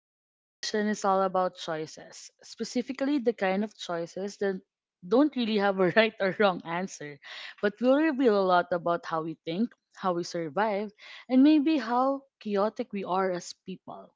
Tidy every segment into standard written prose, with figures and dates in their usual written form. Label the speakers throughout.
Speaker 1: Today's session is all about choices, specifically the kind of choices that don't really have a right or wrong answer, but will reveal a lot about how we think, how we survive, and maybe how chaotic we are as people.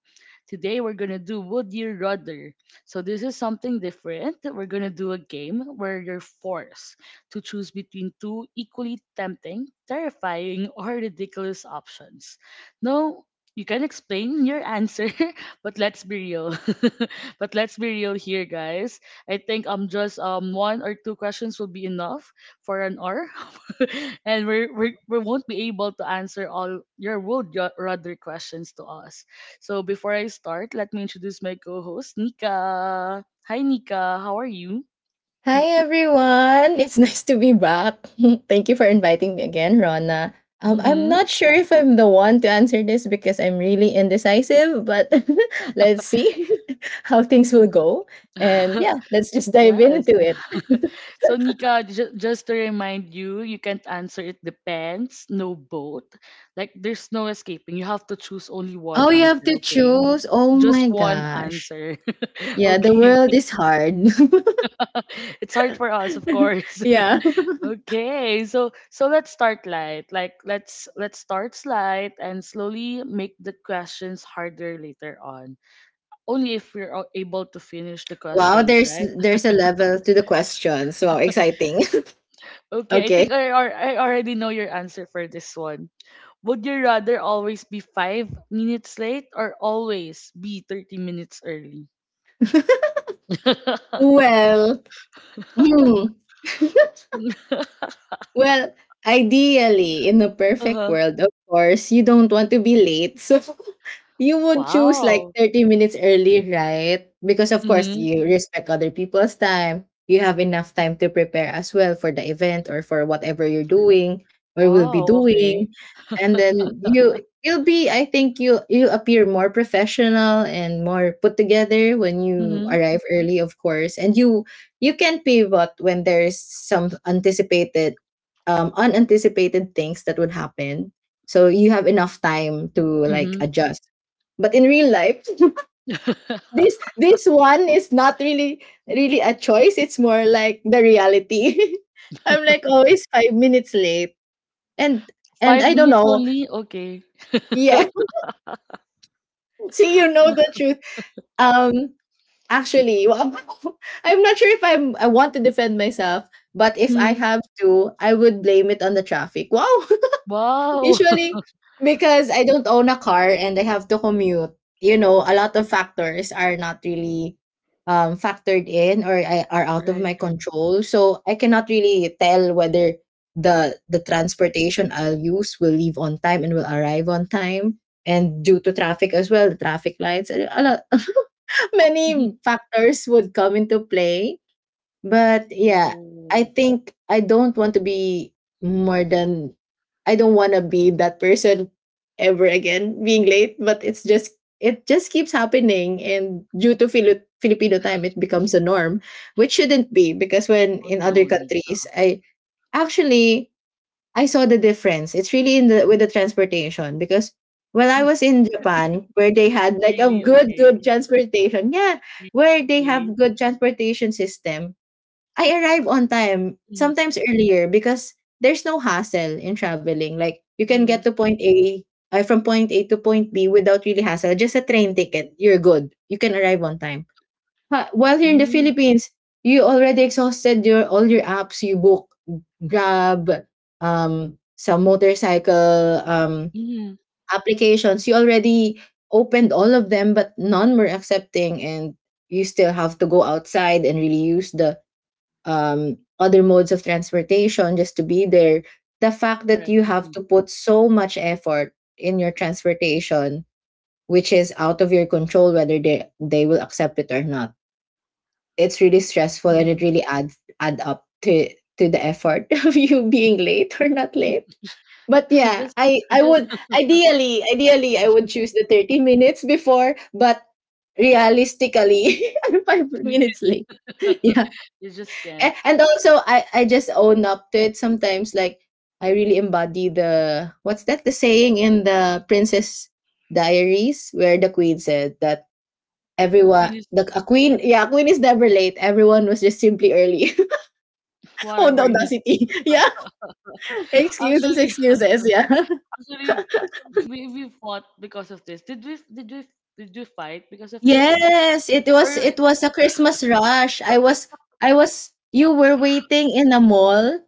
Speaker 1: Today we're gonna do Would You Rather. So this is something different. We're gonna do a game where you're forced to choose between two equally tempting, terrifying, or ridiculous options. No, you can explain your answer, but let's be real. But let's be real here, guys. I think just one or two questions will be enough for an hour, and we won't be able to answer all your would ya- rather questions to us. So before I start, let me introduce my co-host Nika. Hi Nika, how are you?
Speaker 2: Hi everyone! It's nice to be back. Thank you for inviting me again, Rona. I'm
Speaker 1: Mm-hmm.
Speaker 2: not sure if I'm the one to answer this because I'm really indecisive, but let's see how things will go. And yeah, let's just dive
Speaker 1: Yes.
Speaker 2: into it.
Speaker 1: So Nika, just to remind you, you can't answer it depends, no both. Like there's no escaping. You have to choose only
Speaker 2: Oh,
Speaker 1: one
Speaker 2: you have to
Speaker 1: answer, okay?
Speaker 2: choose? Oh
Speaker 1: Just
Speaker 2: my
Speaker 1: one
Speaker 2: gosh.
Speaker 1: answer.
Speaker 2: Yeah, the
Speaker 1: Okay.
Speaker 2: world is hard.
Speaker 1: It's hard for us, of course.
Speaker 2: yeah.
Speaker 1: Okay, so let's start light. Like let's start slight and slowly make the questions harder later on. Only if we're able to finish the
Speaker 2: Wow,
Speaker 1: questions,
Speaker 2: there's
Speaker 1: right?
Speaker 2: there's a level to the questions. Wow, exciting.
Speaker 1: Okay, I
Speaker 2: okay.
Speaker 1: think I already know your answer for this one. Would you rather always be 5 minutes late or always be 30 minutes early?
Speaker 2: Well, hmm. Well, ideally, in a perfect
Speaker 1: Uh-huh.
Speaker 2: world, of course, you don't want to be late. So you would choose like
Speaker 1: Wow.
Speaker 2: 30 minutes early, right? Because of course
Speaker 1: Mm-hmm.
Speaker 2: you respect other people's time. You have enough time to prepare as well for the event or for whatever you're doing or will be
Speaker 1: Wow.
Speaker 2: doing.
Speaker 1: Okay.
Speaker 2: And then you'll be, I think you appear more professional and more put together when you
Speaker 1: Mm-hmm.
Speaker 2: arrive early, of course. And you can pivot when there's some anticipated unanticipated things that would happen, so you have enough time to like
Speaker 1: Mm-hmm.
Speaker 2: adjust, but in real life, this one is not really a choice. It's more like the reality. I'm like always 5 minutes late. And and
Speaker 1: five
Speaker 2: I don't
Speaker 1: minutes
Speaker 2: know.
Speaker 1: only? Okay.
Speaker 2: Yeah. See, you know the truth. Um actually, I'm not sure if I want to defend myself, but if I
Speaker 1: Hmm.
Speaker 2: have to, I would blame it on the traffic. Wow.
Speaker 1: Wow.
Speaker 2: Usually, because I don't own a car and I have to commute, you know, a lot of factors are not really factored in, are out of
Speaker 1: Right,
Speaker 2: my
Speaker 1: right.
Speaker 2: control. So I cannot really tell whether the transportation I'll use will leave on time and will arrive on time. And due to traffic as well, the traffic lights, a lot, many factors would come into play, but yeah, I
Speaker 1: Oh.
Speaker 2: think I don't want to be more than I don't want to be that person ever again being late, but it's just it just keeps happening, and due to filipino time it becomes a norm, which shouldn't be because when
Speaker 1: Oh
Speaker 2: in other
Speaker 1: no, Nika.
Speaker 2: countries, I actually I saw the difference. It's really in the with the transportation because when I was in Japan, where they had like a
Speaker 1: Really?
Speaker 2: good
Speaker 1: Okay.
Speaker 2: transportation, yeah,
Speaker 1: Re-
Speaker 2: where they
Speaker 1: Okay.
Speaker 2: have good transportation system, I arrive on time,
Speaker 1: Mm-hmm.
Speaker 2: sometimes earlier because there's no hassle in traveling. Like you can get
Speaker 1: Mm-hmm.
Speaker 2: to point A to point B without really hassle. Just a train ticket, you're good. You can arrive on time. While here in the
Speaker 1: Mm-hmm.
Speaker 2: Philippines, you already exhausted your all your apps. You book Grab, some motorcycle
Speaker 1: Mm-hmm.
Speaker 2: applications. You already opened all of them, but none were accepting, and you still have to go outside and really use the other modes of transportation just to be there. The fact that
Speaker 1: Correct.
Speaker 2: you have
Speaker 1: Mm-hmm.
Speaker 2: to put so much effort in your transportation, which is out of your control whether they will accept it or not, it's really stressful, and
Speaker 1: Mm-hmm.
Speaker 2: it really adds add up to the effort of you being late or not late. But yeah,
Speaker 1: Just,
Speaker 2: I
Speaker 1: just.
Speaker 2: would ideally I would choose the 30 minutes before, but realistically, I'm five minutes late.
Speaker 1: You just
Speaker 2: A-
Speaker 1: can't.
Speaker 2: and also I just own up to it sometimes, like I really embody the what's that the saying in the Princess Diaries where the queen said that
Speaker 1: The
Speaker 2: everyone
Speaker 1: queen is
Speaker 2: the a queen yeah a queen is never late, everyone was just simply early. Oh, the
Speaker 1: whatever, Nick.
Speaker 2: audacity. Yeah, excuses,
Speaker 1: Actually,
Speaker 2: excuses, yeah.
Speaker 1: actually, we fought because of this. Did we fight because of this?
Speaker 2: Yes, it was
Speaker 1: Or
Speaker 2: it was a Christmas rush. I was you were waiting in a mall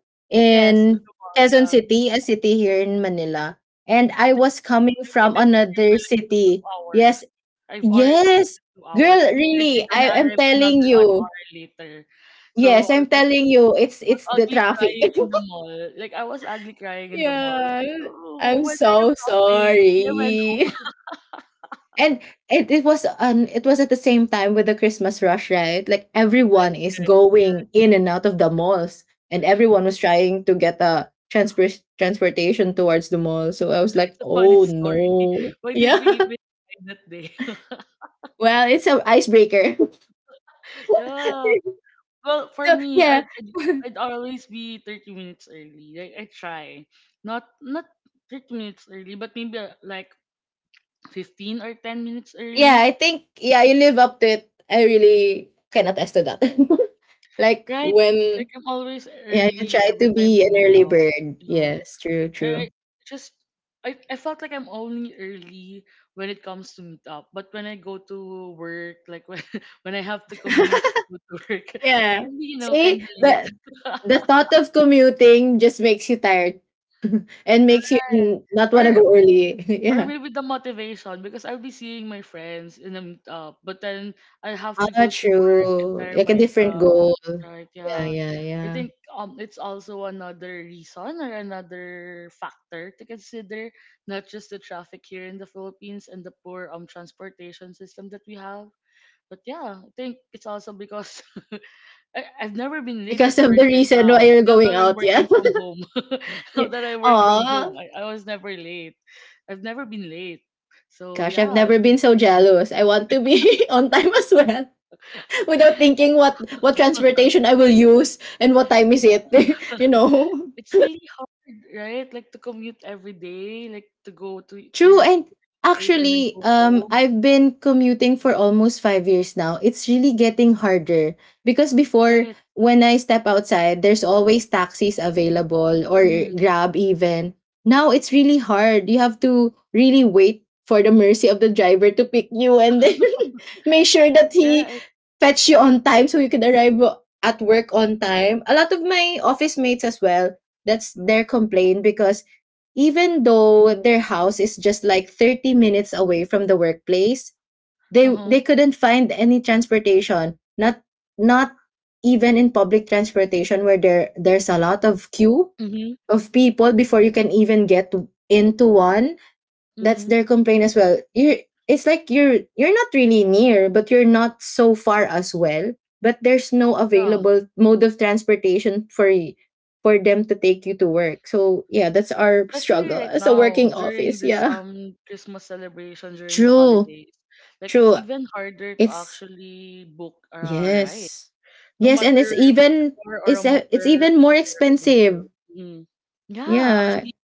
Speaker 1: yes, at
Speaker 2: in
Speaker 1: the mall,
Speaker 2: Quezon
Speaker 1: yeah.
Speaker 2: City, a city here in Manila, and I
Speaker 1: They-
Speaker 2: was
Speaker 1: I
Speaker 2: coming from
Speaker 1: waited for you
Speaker 2: another
Speaker 1: for like two
Speaker 2: city.
Speaker 1: hours.
Speaker 2: Yes,
Speaker 1: I've already
Speaker 2: yes.
Speaker 1: waited two
Speaker 2: Girl,
Speaker 1: hours, and you said
Speaker 2: really,
Speaker 1: you're gonna
Speaker 2: I am
Speaker 1: arrive
Speaker 2: telling
Speaker 1: another an
Speaker 2: you.
Speaker 1: hour later. So
Speaker 2: Yes,
Speaker 1: I
Speaker 2: I'm
Speaker 1: was like,
Speaker 2: telling you, it's
Speaker 1: I was
Speaker 2: it's the
Speaker 1: ugly
Speaker 2: traffic.
Speaker 1: crying in the mall. Like I was ugly crying in the mall. I was
Speaker 2: yeah.
Speaker 1: like, oh,
Speaker 2: I'm
Speaker 1: when are you
Speaker 2: so
Speaker 1: coming? And I went
Speaker 2: sorry. And it was at the same time with the Christmas rush, right? Like everyone
Speaker 1: home.
Speaker 2: is going in and out of the malls, and everyone was trying to get a transportation towards the mall. So I was like,
Speaker 1: A funny
Speaker 2: "Oh
Speaker 1: story.
Speaker 2: no."
Speaker 1: Why did
Speaker 2: Yeah.
Speaker 1: we even try that day?
Speaker 2: Well, it's an icebreaker.
Speaker 1: Yeah. Well, for
Speaker 2: So,
Speaker 1: me,
Speaker 2: yeah.
Speaker 1: I'd always be 30 minutes early. Like I try, not not 30 minutes early, but maybe like 15 or 10 minutes
Speaker 2: Yeah,
Speaker 1: early,
Speaker 2: I think yeah, you live up to it. I really can attest to that. Like
Speaker 1: right?
Speaker 2: when,
Speaker 1: Like I'm always
Speaker 2: yeah, you
Speaker 1: early
Speaker 2: try
Speaker 1: every
Speaker 2: to
Speaker 1: time
Speaker 2: be
Speaker 1: we
Speaker 2: an
Speaker 1: meet
Speaker 2: early
Speaker 1: up.
Speaker 2: bird.
Speaker 1: Yeah.
Speaker 2: Yes, true,
Speaker 1: And
Speaker 2: true.
Speaker 1: I just I felt like I'm only early when it comes to meet up. But when I go to work, like when when I have to commute to go to work, I
Speaker 2: yeah.
Speaker 1: can be, you know,
Speaker 2: See,
Speaker 1: kinda late.
Speaker 2: the thought of commuting just makes you tired and makes you
Speaker 1: Right.
Speaker 2: not
Speaker 1: Or
Speaker 2: want to go early.
Speaker 1: or
Speaker 2: yeah.
Speaker 1: maybe the motivation because I'll be seeing my friends in the meetup, but then I have to
Speaker 2: Ah,
Speaker 1: go to work and
Speaker 2: true.
Speaker 1: tire
Speaker 2: Like a different
Speaker 1: myself.
Speaker 2: goal.
Speaker 1: Right,
Speaker 2: Yeah,
Speaker 1: yeah.
Speaker 2: yeah,
Speaker 1: I
Speaker 2: yeah.
Speaker 1: think it's also another reason or another factor to consider, not just the traffic here in the Philippines and the poor transportation system that we have. But yeah, I think it's also because I've never been late at
Speaker 2: Because of
Speaker 1: work
Speaker 2: the
Speaker 1: right
Speaker 2: reason why
Speaker 1: now.
Speaker 2: you're
Speaker 1: Now
Speaker 2: going
Speaker 1: that I'm
Speaker 2: out. Yeah.
Speaker 1: working from home, now
Speaker 2: yeah.
Speaker 1: that I work from
Speaker 2: Aw.
Speaker 1: home, I was never late. I've never been late. So
Speaker 2: Gosh,
Speaker 1: yeah,
Speaker 2: I've
Speaker 1: I
Speaker 2: never been
Speaker 1: think
Speaker 2: so jealous. I want to be on time as well, without thinking what transportation I will use and what time is it. you know?
Speaker 1: it's really hard, right? Like to commute every day, like to go to
Speaker 2: True,
Speaker 1: your
Speaker 2: and
Speaker 1: place and then
Speaker 2: actually,
Speaker 1: go home,
Speaker 2: I've been commuting for almost 5 years now. It's really getting harder because before,
Speaker 1: right?
Speaker 2: when I step outside, there's always taxis available, or
Speaker 1: Mm-hmm.
Speaker 2: Grab even. Now it's really hard. You have to really wait for the mercy of the driver to pick you, and then make sure that he
Speaker 1: Right.
Speaker 2: fetch you on time so you can arrive at work on time. A lot of my office mates as well, that's their complaint because even though their house is just like 30 minutes away from the workplace,
Speaker 1: Uh
Speaker 2: they
Speaker 1: huh.
Speaker 2: they couldn't find any transportation, not even in public transportation where there's a lot of queue
Speaker 1: Mhm.
Speaker 2: of people before you can even get into one. That's
Speaker 1: Mhm.
Speaker 2: their complaint as well. You are it's like you're not really near, but you're not so far as well. But there's no
Speaker 1: Yeah.
Speaker 2: available mode of transportation for for them to take you to work. So yeah, that's our
Speaker 1: Especially
Speaker 2: struggle
Speaker 1: right
Speaker 2: as a
Speaker 1: now
Speaker 2: working
Speaker 1: during
Speaker 2: office.
Speaker 1: this
Speaker 2: Yeah.
Speaker 1: Christmas celebration during the
Speaker 2: True.
Speaker 1: holidays, like it's
Speaker 2: True.
Speaker 1: even harder to
Speaker 2: It's
Speaker 1: actually book a ride.
Speaker 2: yes.
Speaker 1: No
Speaker 2: Yes, and
Speaker 1: matter if it's a car or a
Speaker 2: it's even more
Speaker 1: motor
Speaker 2: expensive.
Speaker 1: vehicle. Mm. Yeah,
Speaker 2: Yeah.
Speaker 1: actually,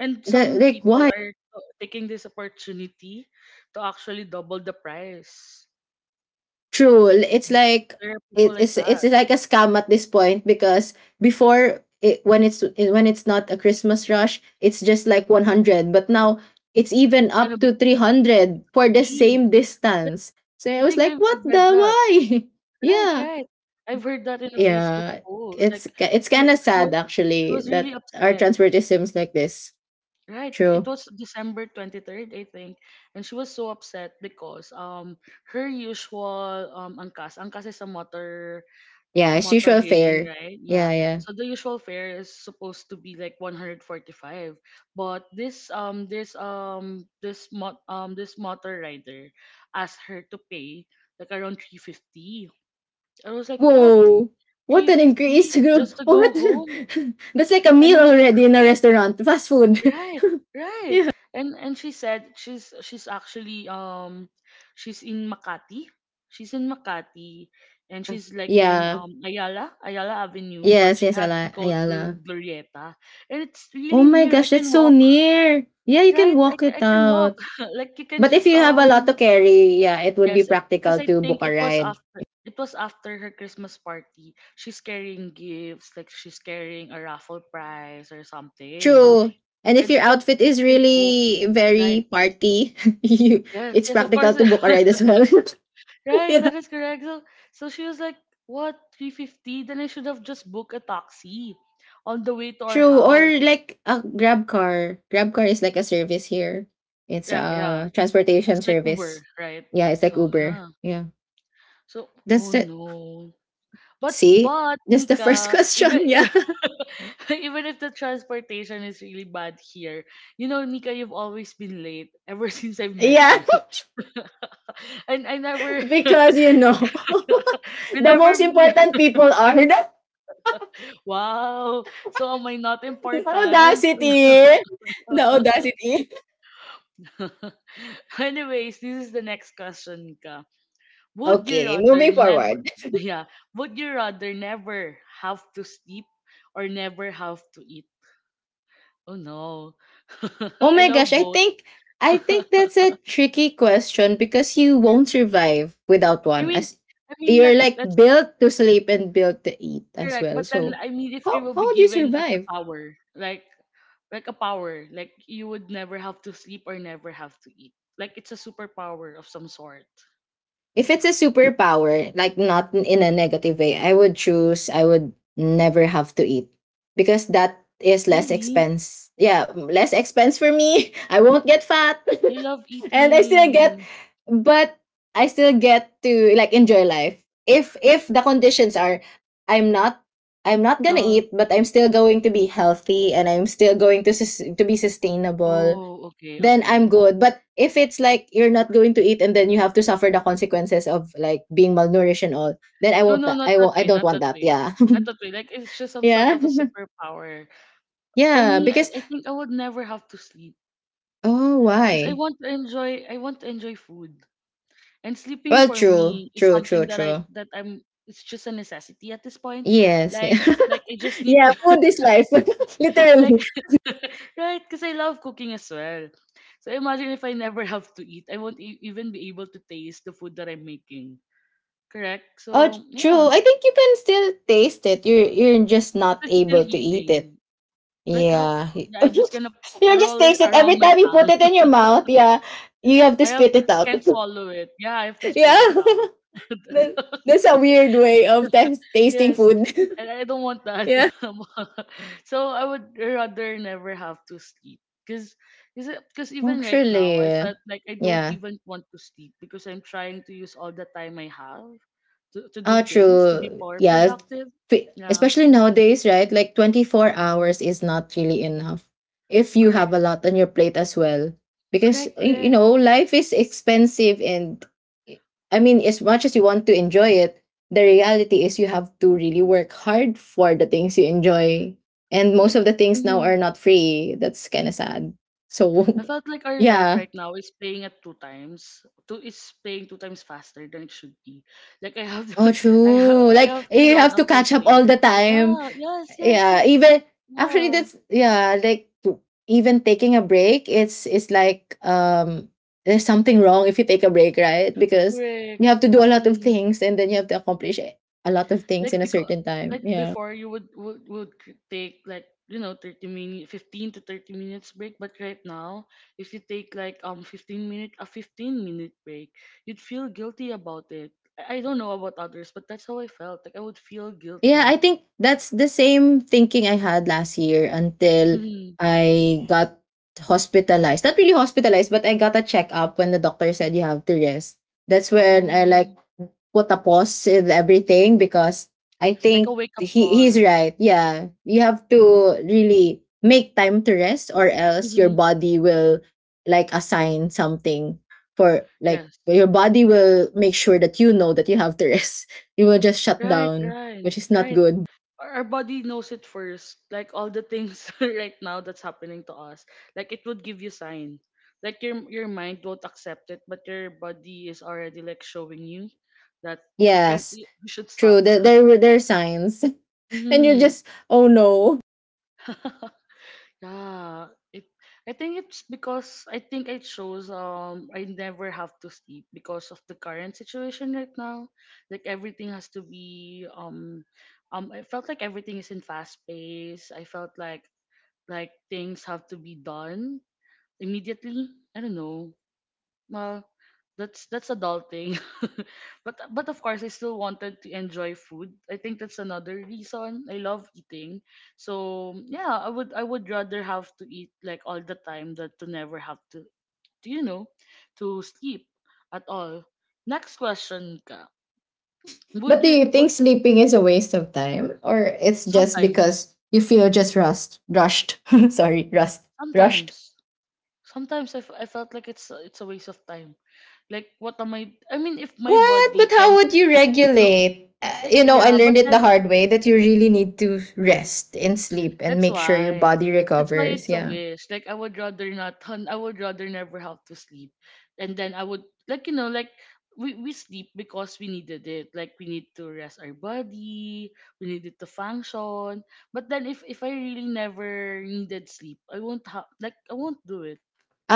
Speaker 1: and
Speaker 2: That
Speaker 1: some
Speaker 2: like
Speaker 1: people
Speaker 2: why?
Speaker 1: are taking this opportunity to actually double the price.
Speaker 2: True. It's
Speaker 1: Like
Speaker 2: like
Speaker 1: there are people like that.
Speaker 2: it's like a scam at this point because before it- when it's not a Christmas rush, it's just like 100, but now it's even
Speaker 1: It's gonna
Speaker 2: up
Speaker 1: be
Speaker 2: to 300 for the
Speaker 1: 50.
Speaker 2: same
Speaker 1: Yeah,
Speaker 2: distance. So
Speaker 1: I
Speaker 2: I was
Speaker 1: think
Speaker 2: like, what
Speaker 1: I've read
Speaker 2: the
Speaker 1: that.
Speaker 2: why?
Speaker 1: Right,
Speaker 2: yeah.
Speaker 1: right. I've heard that in a Facebook
Speaker 2: Yeah.
Speaker 1: post. Like,
Speaker 2: It's
Speaker 1: she, she
Speaker 2: kind of
Speaker 1: was,
Speaker 2: sad
Speaker 1: she
Speaker 2: actually
Speaker 1: was really
Speaker 2: that our
Speaker 1: upset.
Speaker 2: transport is like this.
Speaker 1: Right, it
Speaker 2: True.
Speaker 1: was December 23rd, I think. And she was so upset because her usual angkas, angkas is a
Speaker 2: Yeah, it's
Speaker 1: motor
Speaker 2: usual
Speaker 1: hailing,
Speaker 2: fare.
Speaker 1: right?
Speaker 2: Yeah,
Speaker 1: Yeah.
Speaker 2: yeah.
Speaker 1: So the usual fare is supposed to be like 145. But this motor rider asked her to pay like around 350. I was like, "What?
Speaker 2: Whoa! What an increase!
Speaker 1: 350
Speaker 2: Girl!
Speaker 1: just to go
Speaker 2: What?
Speaker 1: home?"
Speaker 2: That's like a
Speaker 1: And
Speaker 2: meal
Speaker 1: then
Speaker 2: already in a restaurant. Fast food.
Speaker 1: right, right.
Speaker 2: yeah.
Speaker 1: And she said she's actually she's in Makati. She's in Makati and
Speaker 2: Yeah.
Speaker 1: she's like in
Speaker 2: Yeah.
Speaker 1: Ayala, Ayala Avenue, but
Speaker 2: Yes,
Speaker 1: she
Speaker 2: yes,
Speaker 1: has to go to
Speaker 2: Ayala.
Speaker 1: Glorieta. And it's
Speaker 2: Oh
Speaker 1: really
Speaker 2: my
Speaker 1: near. I
Speaker 2: gosh, that's
Speaker 1: can
Speaker 2: so
Speaker 1: walk.
Speaker 2: near. Yeah, you can
Speaker 1: Right?
Speaker 2: walk it
Speaker 1: I can
Speaker 2: out.
Speaker 1: walk. Like you can
Speaker 2: But if
Speaker 1: just
Speaker 2: you have a lot to carry, yeah, it would be
Speaker 1: yes, because
Speaker 2: practical
Speaker 1: I
Speaker 2: to book
Speaker 1: think
Speaker 2: a
Speaker 1: it was
Speaker 2: ride.
Speaker 1: after her Christmas party. She's carrying gifts, like she's carrying a raffle prize or something.
Speaker 2: True. And if
Speaker 1: And
Speaker 2: your outfit is
Speaker 1: she can book.
Speaker 2: really
Speaker 1: Right.
Speaker 2: very party, you,
Speaker 1: Yes,
Speaker 2: it's
Speaker 1: yes, of
Speaker 2: practical
Speaker 1: course.
Speaker 2: to book a ride as well.
Speaker 1: Right,
Speaker 2: yeah.
Speaker 1: that is correct. So, so she was like, "What, 350? Then I should have just booked a taxi on the way to our
Speaker 2: True,
Speaker 1: house."
Speaker 2: or like a Grab car. Grab car is like a service here. It's
Speaker 1: Yeah, yeah.
Speaker 2: a
Speaker 1: It's
Speaker 2: transportation
Speaker 1: like Uber,
Speaker 2: service.
Speaker 1: right?
Speaker 2: Yeah, it's like
Speaker 1: So,
Speaker 2: Uber.
Speaker 1: yeah.
Speaker 2: Yeah,
Speaker 1: So,
Speaker 2: that's
Speaker 1: oh
Speaker 2: the
Speaker 1: no. But
Speaker 2: see.
Speaker 1: but
Speaker 2: That's the first
Speaker 1: Nika, even
Speaker 2: question. Yeah,
Speaker 1: even, even if the transportation is really bad here, you know, Nika, you've always been late ever since I've met
Speaker 2: yeah,
Speaker 1: you. And I never,
Speaker 2: because you know,
Speaker 1: we
Speaker 2: the
Speaker 1: never.
Speaker 2: most important people are
Speaker 1: Wow. So am I not
Speaker 2: the
Speaker 1: important?
Speaker 2: audacity, the audacity.
Speaker 1: Anyways, this is the next question, Nika. Would you
Speaker 2: Okay,
Speaker 1: rather
Speaker 2: moving
Speaker 1: never
Speaker 2: forward.
Speaker 1: yeah, would you rather never have to sleep or never have to eat? Oh no.
Speaker 2: Oh
Speaker 1: I
Speaker 2: my gosh,
Speaker 1: love both.
Speaker 2: I think that's a tricky question because you won't survive without
Speaker 1: I
Speaker 2: one.
Speaker 1: mean
Speaker 2: As
Speaker 1: I mean
Speaker 2: you're like
Speaker 1: that's
Speaker 2: built to sleep and built to eat as
Speaker 1: correct.
Speaker 2: well.
Speaker 1: But then
Speaker 2: So
Speaker 1: I mean if you
Speaker 2: how
Speaker 1: will
Speaker 2: how
Speaker 1: be
Speaker 2: would you
Speaker 1: given a
Speaker 2: survive?
Speaker 1: power, like like you would never have to sleep or never have to eat. Like it's a superpower of some sort.
Speaker 2: If it's a superpower, like not in in a negative way, I would choose I would never have to eat because that is less
Speaker 1: Really?
Speaker 2: expense. Yeah, less expense for me. I won't get fat.
Speaker 1: I love
Speaker 2: And I still get,
Speaker 1: eating.
Speaker 2: but I still get to like enjoy life. If the conditions are, I'm not, I'm not gonna
Speaker 1: Uh,
Speaker 2: eat, but I'm still going to be healthy and I'm still going to to be sustainable.
Speaker 1: Oh, okay,
Speaker 2: Then
Speaker 1: okay.
Speaker 2: I'm good. But if it's like you're not going to eat, and then you have to suffer the consequences of like being malnourished and all, then I
Speaker 1: No,
Speaker 2: won't.
Speaker 1: no,
Speaker 2: That
Speaker 1: not
Speaker 2: I
Speaker 1: that
Speaker 2: won't. I
Speaker 1: way,
Speaker 2: don't
Speaker 1: not
Speaker 2: want
Speaker 1: that
Speaker 2: that.
Speaker 1: way.
Speaker 2: Yeah.
Speaker 1: Not that way. Like it's just some sort of a
Speaker 2: yeah.
Speaker 1: superpower. For
Speaker 2: Yeah.
Speaker 1: me,
Speaker 2: Because
Speaker 1: I think I would never have to sleep
Speaker 2: oh,
Speaker 1: because
Speaker 2: why?
Speaker 1: I want to enjoy food. And sleeping
Speaker 2: Well,
Speaker 1: for
Speaker 2: true,
Speaker 1: me is
Speaker 2: true,
Speaker 1: something
Speaker 2: true,
Speaker 1: that I
Speaker 2: true.
Speaker 1: that I'm it's just a necessity at this point.
Speaker 2: Yes. Yeah.
Speaker 1: Like like I just need
Speaker 2: Yeah,
Speaker 1: to
Speaker 2: food is life.
Speaker 1: like
Speaker 2: Literally.
Speaker 1: right, because I love cooking as well. So imagine if I never have to eat, I won't even be able to taste the food that I'm making. Correct?
Speaker 2: Oh,
Speaker 1: So, yeah,
Speaker 2: true. I think you can still taste it. You're just
Speaker 1: but
Speaker 2: not
Speaker 1: it's still
Speaker 2: able to eat it.
Speaker 1: eating. Like how
Speaker 2: Yeah.
Speaker 1: yeah, I'm just gonna
Speaker 2: You just
Speaker 1: roll it
Speaker 2: taste it
Speaker 1: around
Speaker 2: every
Speaker 1: my
Speaker 2: time you
Speaker 1: tongue.
Speaker 2: put it in your mouth. Yeah. You have to spit it
Speaker 1: I
Speaker 2: out.
Speaker 1: can't swallow it. Yeah, I have to
Speaker 2: Yeah.
Speaker 1: spit it out. That's-
Speaker 2: That's a weird way of tasting
Speaker 1: Yes.
Speaker 2: food.
Speaker 1: And I don't want that.
Speaker 2: yeah.
Speaker 1: So I would rather never have to sleep. Cause, Cause even right now, I
Speaker 2: Actually,
Speaker 1: felt like I don't
Speaker 2: yeah.
Speaker 1: even want to sleep because I'm trying to use all the time I have to do
Speaker 2: Ah,
Speaker 1: things, to be
Speaker 2: true.
Speaker 1: more
Speaker 2: Yeah.
Speaker 1: productive.
Speaker 2: F-
Speaker 1: Yeah,
Speaker 2: Especially nowadays, right? Like 24 hours is not really enough if you have
Speaker 1: correct,
Speaker 2: a lot on your plate as well. Because, you
Speaker 1: correct.
Speaker 2: know, life is expensive. And I mean, as much as you want to enjoy it, the reality is you have to really work hard for the things you enjoy. And most
Speaker 1: Like,
Speaker 2: of the things now
Speaker 1: mm-hmm.
Speaker 2: are not free. That's kind of sad. So,
Speaker 1: I felt like our life
Speaker 2: yeah.
Speaker 1: right now is playing at two times. Two is playing two times faster than it should be. Like
Speaker 2: Oh, true.
Speaker 1: I
Speaker 2: Like,
Speaker 1: have to
Speaker 2: you
Speaker 1: run
Speaker 2: have to
Speaker 1: after
Speaker 2: catch up all the
Speaker 1: things. Like
Speaker 2: time.
Speaker 1: ah,
Speaker 2: Yeah,
Speaker 1: yes,
Speaker 2: even actually
Speaker 1: yeah,
Speaker 2: that's yeah like w- even taking a break, it's like there's something wrong if you take a break, right? Because
Speaker 1: correct.
Speaker 2: you have to do a lot of
Speaker 1: Mm.
Speaker 2: things and then you have to accomplish a lot of things
Speaker 1: Like
Speaker 2: in a
Speaker 1: because,
Speaker 2: certain time,
Speaker 1: like
Speaker 2: yeah.
Speaker 1: before, you take like you know 30 minute, 15 to 30 minutes break. But right now, if you take like 15 minute break, you'd feel guilty about it. I don't know about others, but that's how I felt. Like I would feel
Speaker 2: Yeah,
Speaker 1: guilty.
Speaker 2: I think that's the same thinking I had last year until
Speaker 1: Mhm.
Speaker 2: I got hospitalized, not really hospitalized, but I got a checkup when the doctor said you have to rest. That's when I like
Speaker 1: Oh,
Speaker 2: put a pause in everything, because I
Speaker 1: like a
Speaker 2: think
Speaker 1: wake-up
Speaker 2: he's
Speaker 1: call.
Speaker 2: right. Yeah, you have to really make time to rest, or else your
Speaker 1: Mhm.
Speaker 2: body will like assign something for like
Speaker 1: Yes.
Speaker 2: your body will make sure that you know that you have to rest. You will just shut
Speaker 1: Right,
Speaker 2: down,
Speaker 1: right,
Speaker 2: which is not
Speaker 1: right.
Speaker 2: good.
Speaker 1: Our body knows it first. Like all the things right now that's happening to us, like it would give you sign. Like your mind won't accept it, but your body is already like showing you that
Speaker 2: Yes,
Speaker 1: you you should
Speaker 2: true.
Speaker 1: stop.
Speaker 2: There there were there are signs, and you're
Speaker 1: Mhm.
Speaker 2: just oh no.
Speaker 1: Yeah, it. I think it's because I think it shows I never have to sleep because of the current situation right now. Like everything has to be I felt like everything is in fast pace. I felt like things have to be done immediately. I don't know. Well, that's adulting. But of course I still wanted to enjoy food. I think that's another reason I love eating. So yeah, I would rather have to eat like all the time than to never have to you know to sleep at all. Next question ka. Would
Speaker 2: But do
Speaker 1: your
Speaker 2: you think
Speaker 1: would
Speaker 2: sleeping is a waste of time, or it's just
Speaker 1: sometimes
Speaker 2: because you feel just rust, rushed? Sorry, rust, rushed.
Speaker 1: sometimes sometimes I felt like it's it's a waste of time. Like what am I mean if my
Speaker 2: What? But
Speaker 1: body
Speaker 2: how
Speaker 1: can
Speaker 2: would you
Speaker 1: no
Speaker 2: regulate?
Speaker 1: like
Speaker 2: You know, I
Speaker 1: yeah, but
Speaker 2: learned it the
Speaker 1: then
Speaker 2: hard way that you really need to rest and sleep and
Speaker 1: that's
Speaker 2: make sure your
Speaker 1: why.
Speaker 2: body
Speaker 1: That's why
Speaker 2: recovers.
Speaker 1: it's a
Speaker 2: Yeah.
Speaker 1: wish. Like I would rather never have to sleep. And then I would like you know, like we sleep because we needed it. Like we need to rest our body, we needed to function. But then if I really never needed sleep, I won't have, I won't do it.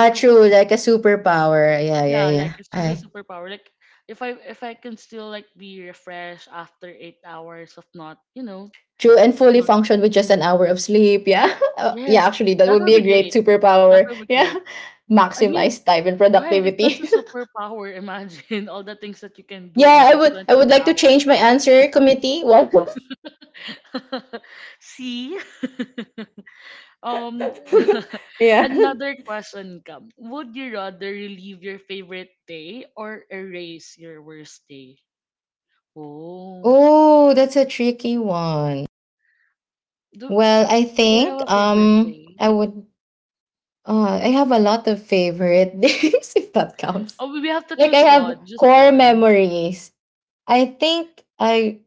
Speaker 2: true.
Speaker 1: I don't
Speaker 2: Like a
Speaker 1: know.
Speaker 2: superpower. Yeah, yeah,
Speaker 1: Yeah, like
Speaker 2: yeah.
Speaker 1: it's just a
Speaker 2: I
Speaker 1: superpower. Like if I can still like be refreshed after 8 hours of not, you know,
Speaker 2: true and
Speaker 1: of
Speaker 2: fully
Speaker 1: not
Speaker 2: function with just an hour of sleep. Yeah. Yeah.
Speaker 1: Yes,
Speaker 2: Actually, that
Speaker 1: that
Speaker 2: would
Speaker 1: would
Speaker 2: be a
Speaker 1: be
Speaker 2: great
Speaker 1: great. That
Speaker 2: superpower.
Speaker 1: would be
Speaker 2: Yeah.
Speaker 1: great. I mean,
Speaker 2: Maximize time and
Speaker 1: right, if that's a
Speaker 2: productivity.
Speaker 1: superpower, imagine all the things that you can do in
Speaker 2: Yeah, I
Speaker 1: those
Speaker 2: would I would
Speaker 1: 24
Speaker 2: like to
Speaker 1: hours.
Speaker 2: change my answer committee. Well,
Speaker 1: See? Um,
Speaker 2: yeah.
Speaker 1: another question come. Would you rather relive your favorite day or erase your worst day? Oh,
Speaker 2: Oh, that's a tricky one.
Speaker 1: do,
Speaker 2: Well, I
Speaker 1: do I have
Speaker 2: think
Speaker 1: a favorite day?
Speaker 2: I would I have a lot of favorite days, if that counts.
Speaker 1: Oh, we have to
Speaker 2: Like I
Speaker 1: choose
Speaker 2: have
Speaker 1: one, just
Speaker 2: core
Speaker 1: one.
Speaker 2: memories. I think I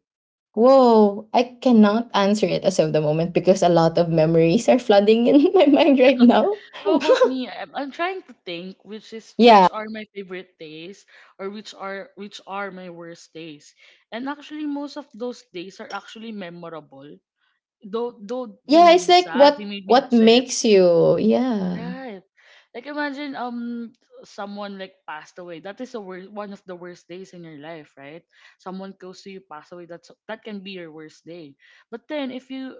Speaker 2: whoa, I cannot answer it as of the moment because a lot of memories are flooding in my mind right now.
Speaker 1: How about me? I'm trying to think which is
Speaker 2: Yeah.
Speaker 1: which are my favorite days or which are my worst days. And actually most of those days are actually memorable. Though they
Speaker 2: Yeah,
Speaker 1: made
Speaker 2: it's
Speaker 1: me
Speaker 2: like
Speaker 1: sad, they made me
Speaker 2: what
Speaker 1: upset.
Speaker 2: makes you. Yeah.
Speaker 1: Right. Like imagine someone like passed away. That is the worst, one of the worst days in your life, right? Someone close to you passed away. That can be your worst day. But then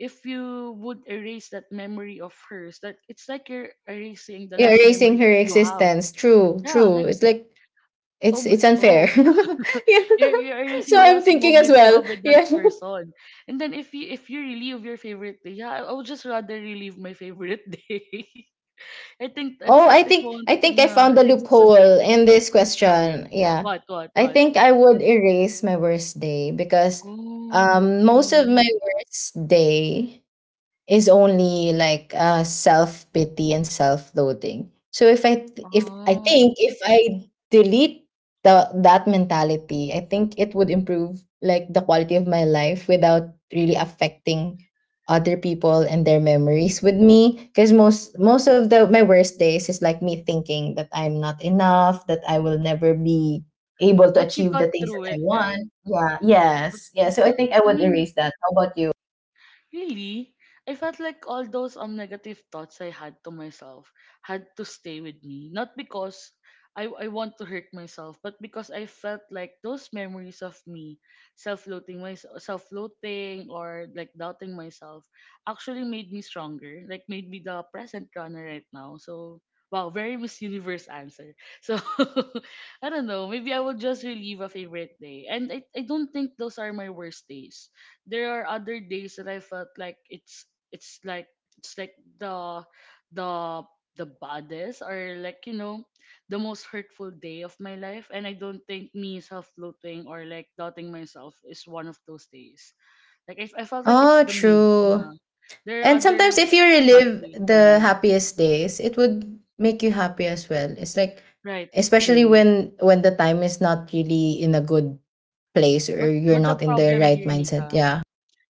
Speaker 1: if you would erase that memory of hers, that it's like you're erasing the
Speaker 2: Yeah,
Speaker 1: last
Speaker 2: erasing
Speaker 1: memory
Speaker 2: her
Speaker 1: you have.
Speaker 2: existence. True,
Speaker 1: Yeah,
Speaker 2: true.
Speaker 1: like
Speaker 2: It's like it's it's unfair.
Speaker 1: oh,
Speaker 2: Yeah.
Speaker 1: you're
Speaker 2: So
Speaker 1: erasing the
Speaker 2: I'm
Speaker 1: last
Speaker 2: thinking as
Speaker 1: moments you
Speaker 2: well.
Speaker 1: have with that
Speaker 2: Yeah.
Speaker 1: person. And then if you relive your favorite day, yeah, I would just rather relive my favorite day. I think that's
Speaker 2: Oh,
Speaker 1: it.
Speaker 2: I
Speaker 1: It
Speaker 2: think
Speaker 1: won't.
Speaker 2: I think I
Speaker 1: Yeah,
Speaker 2: found
Speaker 1: I
Speaker 2: the
Speaker 1: think it's the
Speaker 2: loophole
Speaker 1: safest
Speaker 2: in this
Speaker 1: answer. Okay,
Speaker 2: question. Yeah. I
Speaker 1: what?
Speaker 2: think I would erase my worst day because
Speaker 1: Oh,
Speaker 2: most of my
Speaker 1: really?
Speaker 2: worst day is only like self pity and self loathing. So if I th- if I
Speaker 1: Oh,
Speaker 2: think if I delete the that mentality, I think it would improve like the quality of my life without really affecting other people and their memories with me, because most most of the my worst days is like me thinking that I'm not enough, that I will never be able to
Speaker 1: but you
Speaker 2: achieve
Speaker 1: got
Speaker 2: the things
Speaker 1: through
Speaker 2: that I
Speaker 1: it, right?
Speaker 2: want. Yeah.
Speaker 1: But
Speaker 2: Yes. Yeah.
Speaker 1: but
Speaker 2: So I think I
Speaker 1: I
Speaker 2: would
Speaker 1: mean,
Speaker 2: erase that. How about you?
Speaker 1: Really, I felt like all those negative thoughts I had to myself had to stay with me. Not because I want to hurt myself, but because I felt like those memories of me self-loathing or like doubting myself actually made me stronger. Like made me the present runner right now. So wow, very Miss Universe answer. So I don't know. Maybe I will just relive a favorite day, and I don't think those are my worst days. There are other days that I felt like it's it's like it's like the the the baddest or the most hurtful day of my life, and I don't think me self-loathing or like doubting myself is one of those days. Like I felt like it's
Speaker 2: Oh,
Speaker 1: the mean.
Speaker 2: true.
Speaker 1: Yeah. There are
Speaker 2: And
Speaker 1: other
Speaker 2: sometimes if you
Speaker 1: bad
Speaker 2: relive
Speaker 1: days for
Speaker 2: the
Speaker 1: me.
Speaker 2: happiest days, it would make you happy as well. It's like
Speaker 1: Right.
Speaker 2: especially
Speaker 1: Mm-hmm.
Speaker 2: when the time is not really in a good place or
Speaker 1: But
Speaker 2: you're
Speaker 1: the
Speaker 2: not in the
Speaker 1: problem
Speaker 2: right
Speaker 1: here,
Speaker 2: mindset.
Speaker 1: Nika,
Speaker 2: Yeah.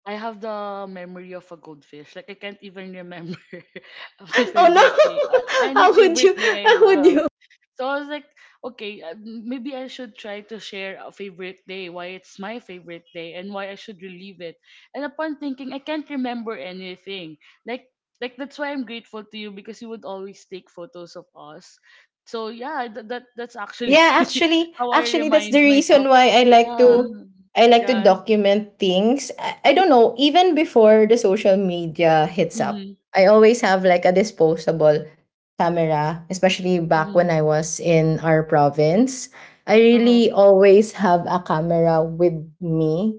Speaker 1: I have the memory of a goldfish. Like I can't even remember my
Speaker 2: Oh
Speaker 1: favorite day. A-
Speaker 2: no.
Speaker 1: Any
Speaker 2: How would
Speaker 1: favorite
Speaker 2: you
Speaker 1: day I
Speaker 2: how would
Speaker 1: have.
Speaker 2: you
Speaker 1: So I was like, okay, maybe I should try to share a favorite day, why it's my favorite day, and why I should relive it. And upon thinking, I can't remember anything. Like, like, that's why I'm grateful to you because you would always take photos of us. So yeah, that's actually
Speaker 2: yeah, actually,
Speaker 1: how I
Speaker 2: actually, that's the
Speaker 1: remind
Speaker 2: reason
Speaker 1: myself.
Speaker 2: why I like
Speaker 1: Yeah,
Speaker 2: to I like to
Speaker 1: yeah, yes.
Speaker 2: document things. I don't know, even before the social media hits up,
Speaker 1: Mm-hmm,
Speaker 2: I always have like a disposable camera, especially back when
Speaker 1: mm-hmm.
Speaker 2: I was in our province. I
Speaker 1: Uh-huh.
Speaker 2: really always have a camera with me,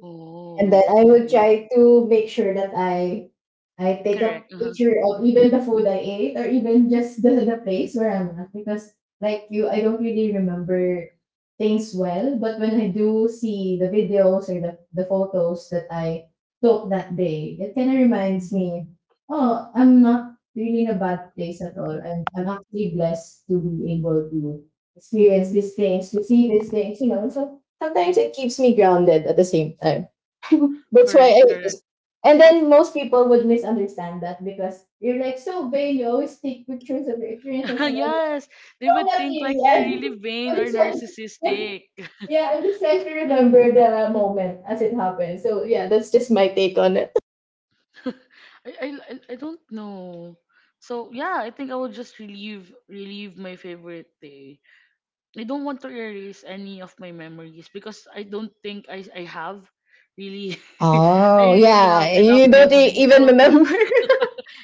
Speaker 2: and then
Speaker 1: Oh,
Speaker 2: I would
Speaker 1: okay.
Speaker 2: try to make sure that I take a
Speaker 1: Correct. Uh-huh.
Speaker 2: picture of even the food I ate or even just the place where I'm at, because like you, I don't really remember things well, but when I do see the videos or the photos that I took that day, it kind of reminds me oh, I'm not really in a bad place at all. I'm actually blessed to be able to experience these things, to see these things, you know, so sometimes it keeps me grounded at the same time. That's why I,
Speaker 1: Correct, correct.
Speaker 2: and then most people would misunderstand that because you're like so vain, you always take pictures of your experiences, and I'm like,
Speaker 1: Yes, they
Speaker 2: no,
Speaker 1: would
Speaker 2: not
Speaker 1: think
Speaker 2: really.
Speaker 1: like you're
Speaker 2: I'm
Speaker 1: really vain
Speaker 2: I'm
Speaker 1: or
Speaker 2: just trying to
Speaker 1: narcissistic.
Speaker 2: yeah, I'm just trying to remember the moment as it happened. So yeah, that's just my take on it.
Speaker 1: I don't know. So yeah, I think I will just relieve my favorite day. I don't want to erase any of my memories because I don't think I have really I
Speaker 2: Oh,
Speaker 1: really have
Speaker 2: yeah.
Speaker 1: enough
Speaker 2: You don't e-
Speaker 1: memories.
Speaker 2: even
Speaker 1: So
Speaker 2: remember.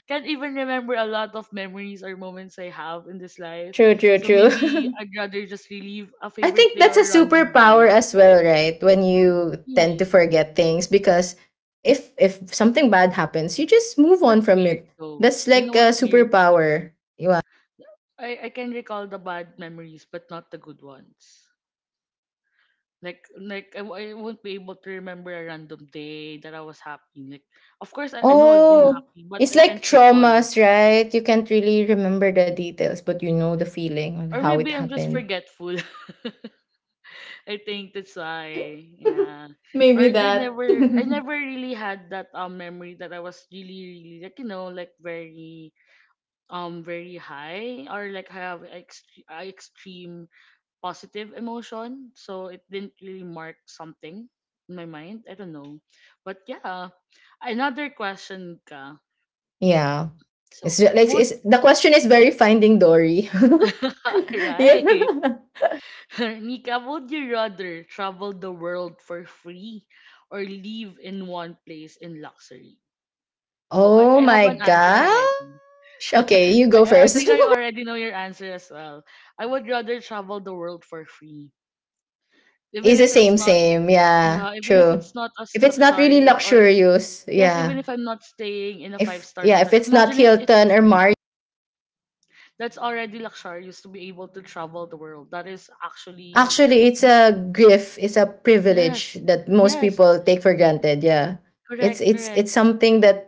Speaker 1: can't even remember a lot of memories or moments I have in this life.
Speaker 2: True, true,
Speaker 1: So maybe
Speaker 2: true.
Speaker 1: I'd rather just relive a
Speaker 2: I
Speaker 1: favorite
Speaker 2: think
Speaker 1: day
Speaker 2: that's
Speaker 1: or
Speaker 2: a
Speaker 1: a random
Speaker 2: superpower
Speaker 1: day.
Speaker 2: as well, right? When you tend to
Speaker 1: Really?
Speaker 2: forget things, because if something bad happens, you just move on
Speaker 1: That's
Speaker 2: from
Speaker 1: weird
Speaker 2: it.
Speaker 1: though.
Speaker 2: That's
Speaker 1: You
Speaker 2: like
Speaker 1: know
Speaker 2: a
Speaker 1: what's weird, Mika?
Speaker 2: superpower. You are,
Speaker 1: I can recall the bad memories but not the good ones. Like I won't be able to remember a random day that I was happy. Like of course I know I've been
Speaker 2: oh,
Speaker 1: happy but
Speaker 2: it's
Speaker 1: I
Speaker 2: like
Speaker 1: can't recall.
Speaker 2: traumas, right? You can't really remember the details, but you know the feeling and
Speaker 1: Or
Speaker 2: how it
Speaker 1: maybe I'm just
Speaker 2: happened.
Speaker 1: forgetful. I think that's why, yeah.
Speaker 2: Maybe
Speaker 1: Or they
Speaker 2: that.
Speaker 1: never, I never really had that memory that I was really like very very high or like have ex- extreme positive emotion. So it didn't really mark something in my mind. I don't know, but yeah. Another question, ka.
Speaker 2: Yeah. It's
Speaker 1: So
Speaker 2: ju- like
Speaker 1: would
Speaker 2: the question is very finding Dory. Yeah.
Speaker 1: right? Nika, would you rather travel the world for free or live in one place in luxury? Oh,
Speaker 2: Oh
Speaker 1: I have
Speaker 2: my
Speaker 1: an answer
Speaker 2: god.
Speaker 1: already.
Speaker 2: Sh- Okay, you go
Speaker 1: I
Speaker 2: first.
Speaker 1: think I already know your answer as well. I would rather travel the world for free, even
Speaker 2: It's the
Speaker 1: if it's
Speaker 2: same,
Speaker 1: not
Speaker 2: same. Yeah, true.
Speaker 1: as
Speaker 2: If it's not really
Speaker 1: luxurious, or
Speaker 2: luxurious,
Speaker 1: yes,
Speaker 2: yeah.
Speaker 1: even if I'm not staying in a five
Speaker 2: If
Speaker 1: star
Speaker 2: yeah, if
Speaker 1: hotel.
Speaker 2: it's
Speaker 1: Imagine
Speaker 2: not
Speaker 1: it, it's
Speaker 2: Hilton or
Speaker 1: free.
Speaker 2: Marriott,
Speaker 1: That's already luxurious to be able to travel the world. That is actually
Speaker 2: actually, it's a gift. It's a
Speaker 1: yes,
Speaker 2: privilege that most
Speaker 1: yes,
Speaker 2: people take for granted. Yeah, it's
Speaker 1: correct,
Speaker 2: it's it's
Speaker 1: correct.
Speaker 2: something that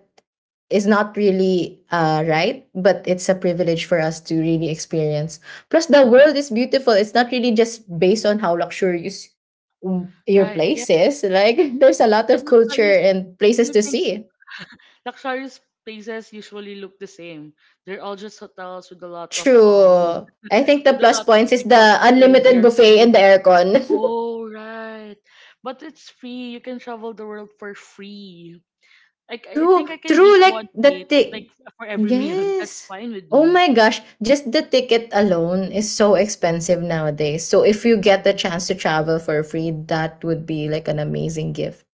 Speaker 2: is not really right, but it's a privilege for us to really experience. Plus, the world is beautiful. It's not really just based on how luxurious w- your
Speaker 1: Right. Yeah.
Speaker 2: place is. Like, there's a lot of
Speaker 1: And
Speaker 2: culture
Speaker 1: luxurious,
Speaker 2: and
Speaker 1: when
Speaker 2: places
Speaker 1: you
Speaker 2: to
Speaker 1: think
Speaker 2: see.
Speaker 1: luxurious places usually look the same. They're all just hotels with a lot of
Speaker 2: True. I think the
Speaker 1: with a
Speaker 2: plus
Speaker 1: lot of
Speaker 2: points is
Speaker 1: people
Speaker 2: the
Speaker 1: to serve
Speaker 2: unlimited
Speaker 1: your
Speaker 2: buffet and
Speaker 1: food.
Speaker 2: the aircon.
Speaker 1: Oh, right. But it's free. You can travel the world for free. Like I
Speaker 2: True,
Speaker 1: think I can
Speaker 2: true,
Speaker 1: eat one
Speaker 2: like the
Speaker 1: plate like
Speaker 2: ti
Speaker 1: for every meal. That's
Speaker 2: yes.
Speaker 1: fine with
Speaker 2: Oh
Speaker 1: me.
Speaker 2: my gosh, just the ticket alone is so expensive nowadays. So if you get the chance to travel for free, that would be like an amazing gift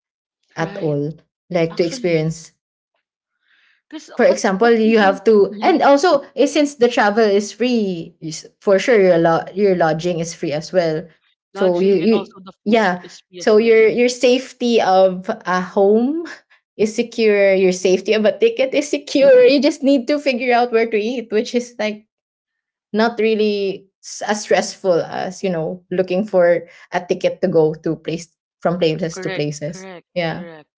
Speaker 2: at
Speaker 1: Right.
Speaker 2: all. Like to
Speaker 1: Actually,
Speaker 2: experience,
Speaker 1: cause
Speaker 2: for example,
Speaker 1: but
Speaker 2: you
Speaker 1: living
Speaker 2: have to,
Speaker 1: mhm,
Speaker 2: and also eh, since the travel is free, is for sure your lo- your lodging is free as well. So you
Speaker 1: lodging and
Speaker 2: you
Speaker 1: also the food
Speaker 2: yeah,
Speaker 1: is free
Speaker 2: so
Speaker 1: as well.
Speaker 2: your safety of a home is secure. Your safety of a ticket is secure. You just need to figure out where to eat, which is like not really s- as stressful as you know looking for a ticket to go to place from places to
Speaker 1: Correct.
Speaker 2: places.
Speaker 1: Correct.
Speaker 2: Yeah.
Speaker 1: Correct.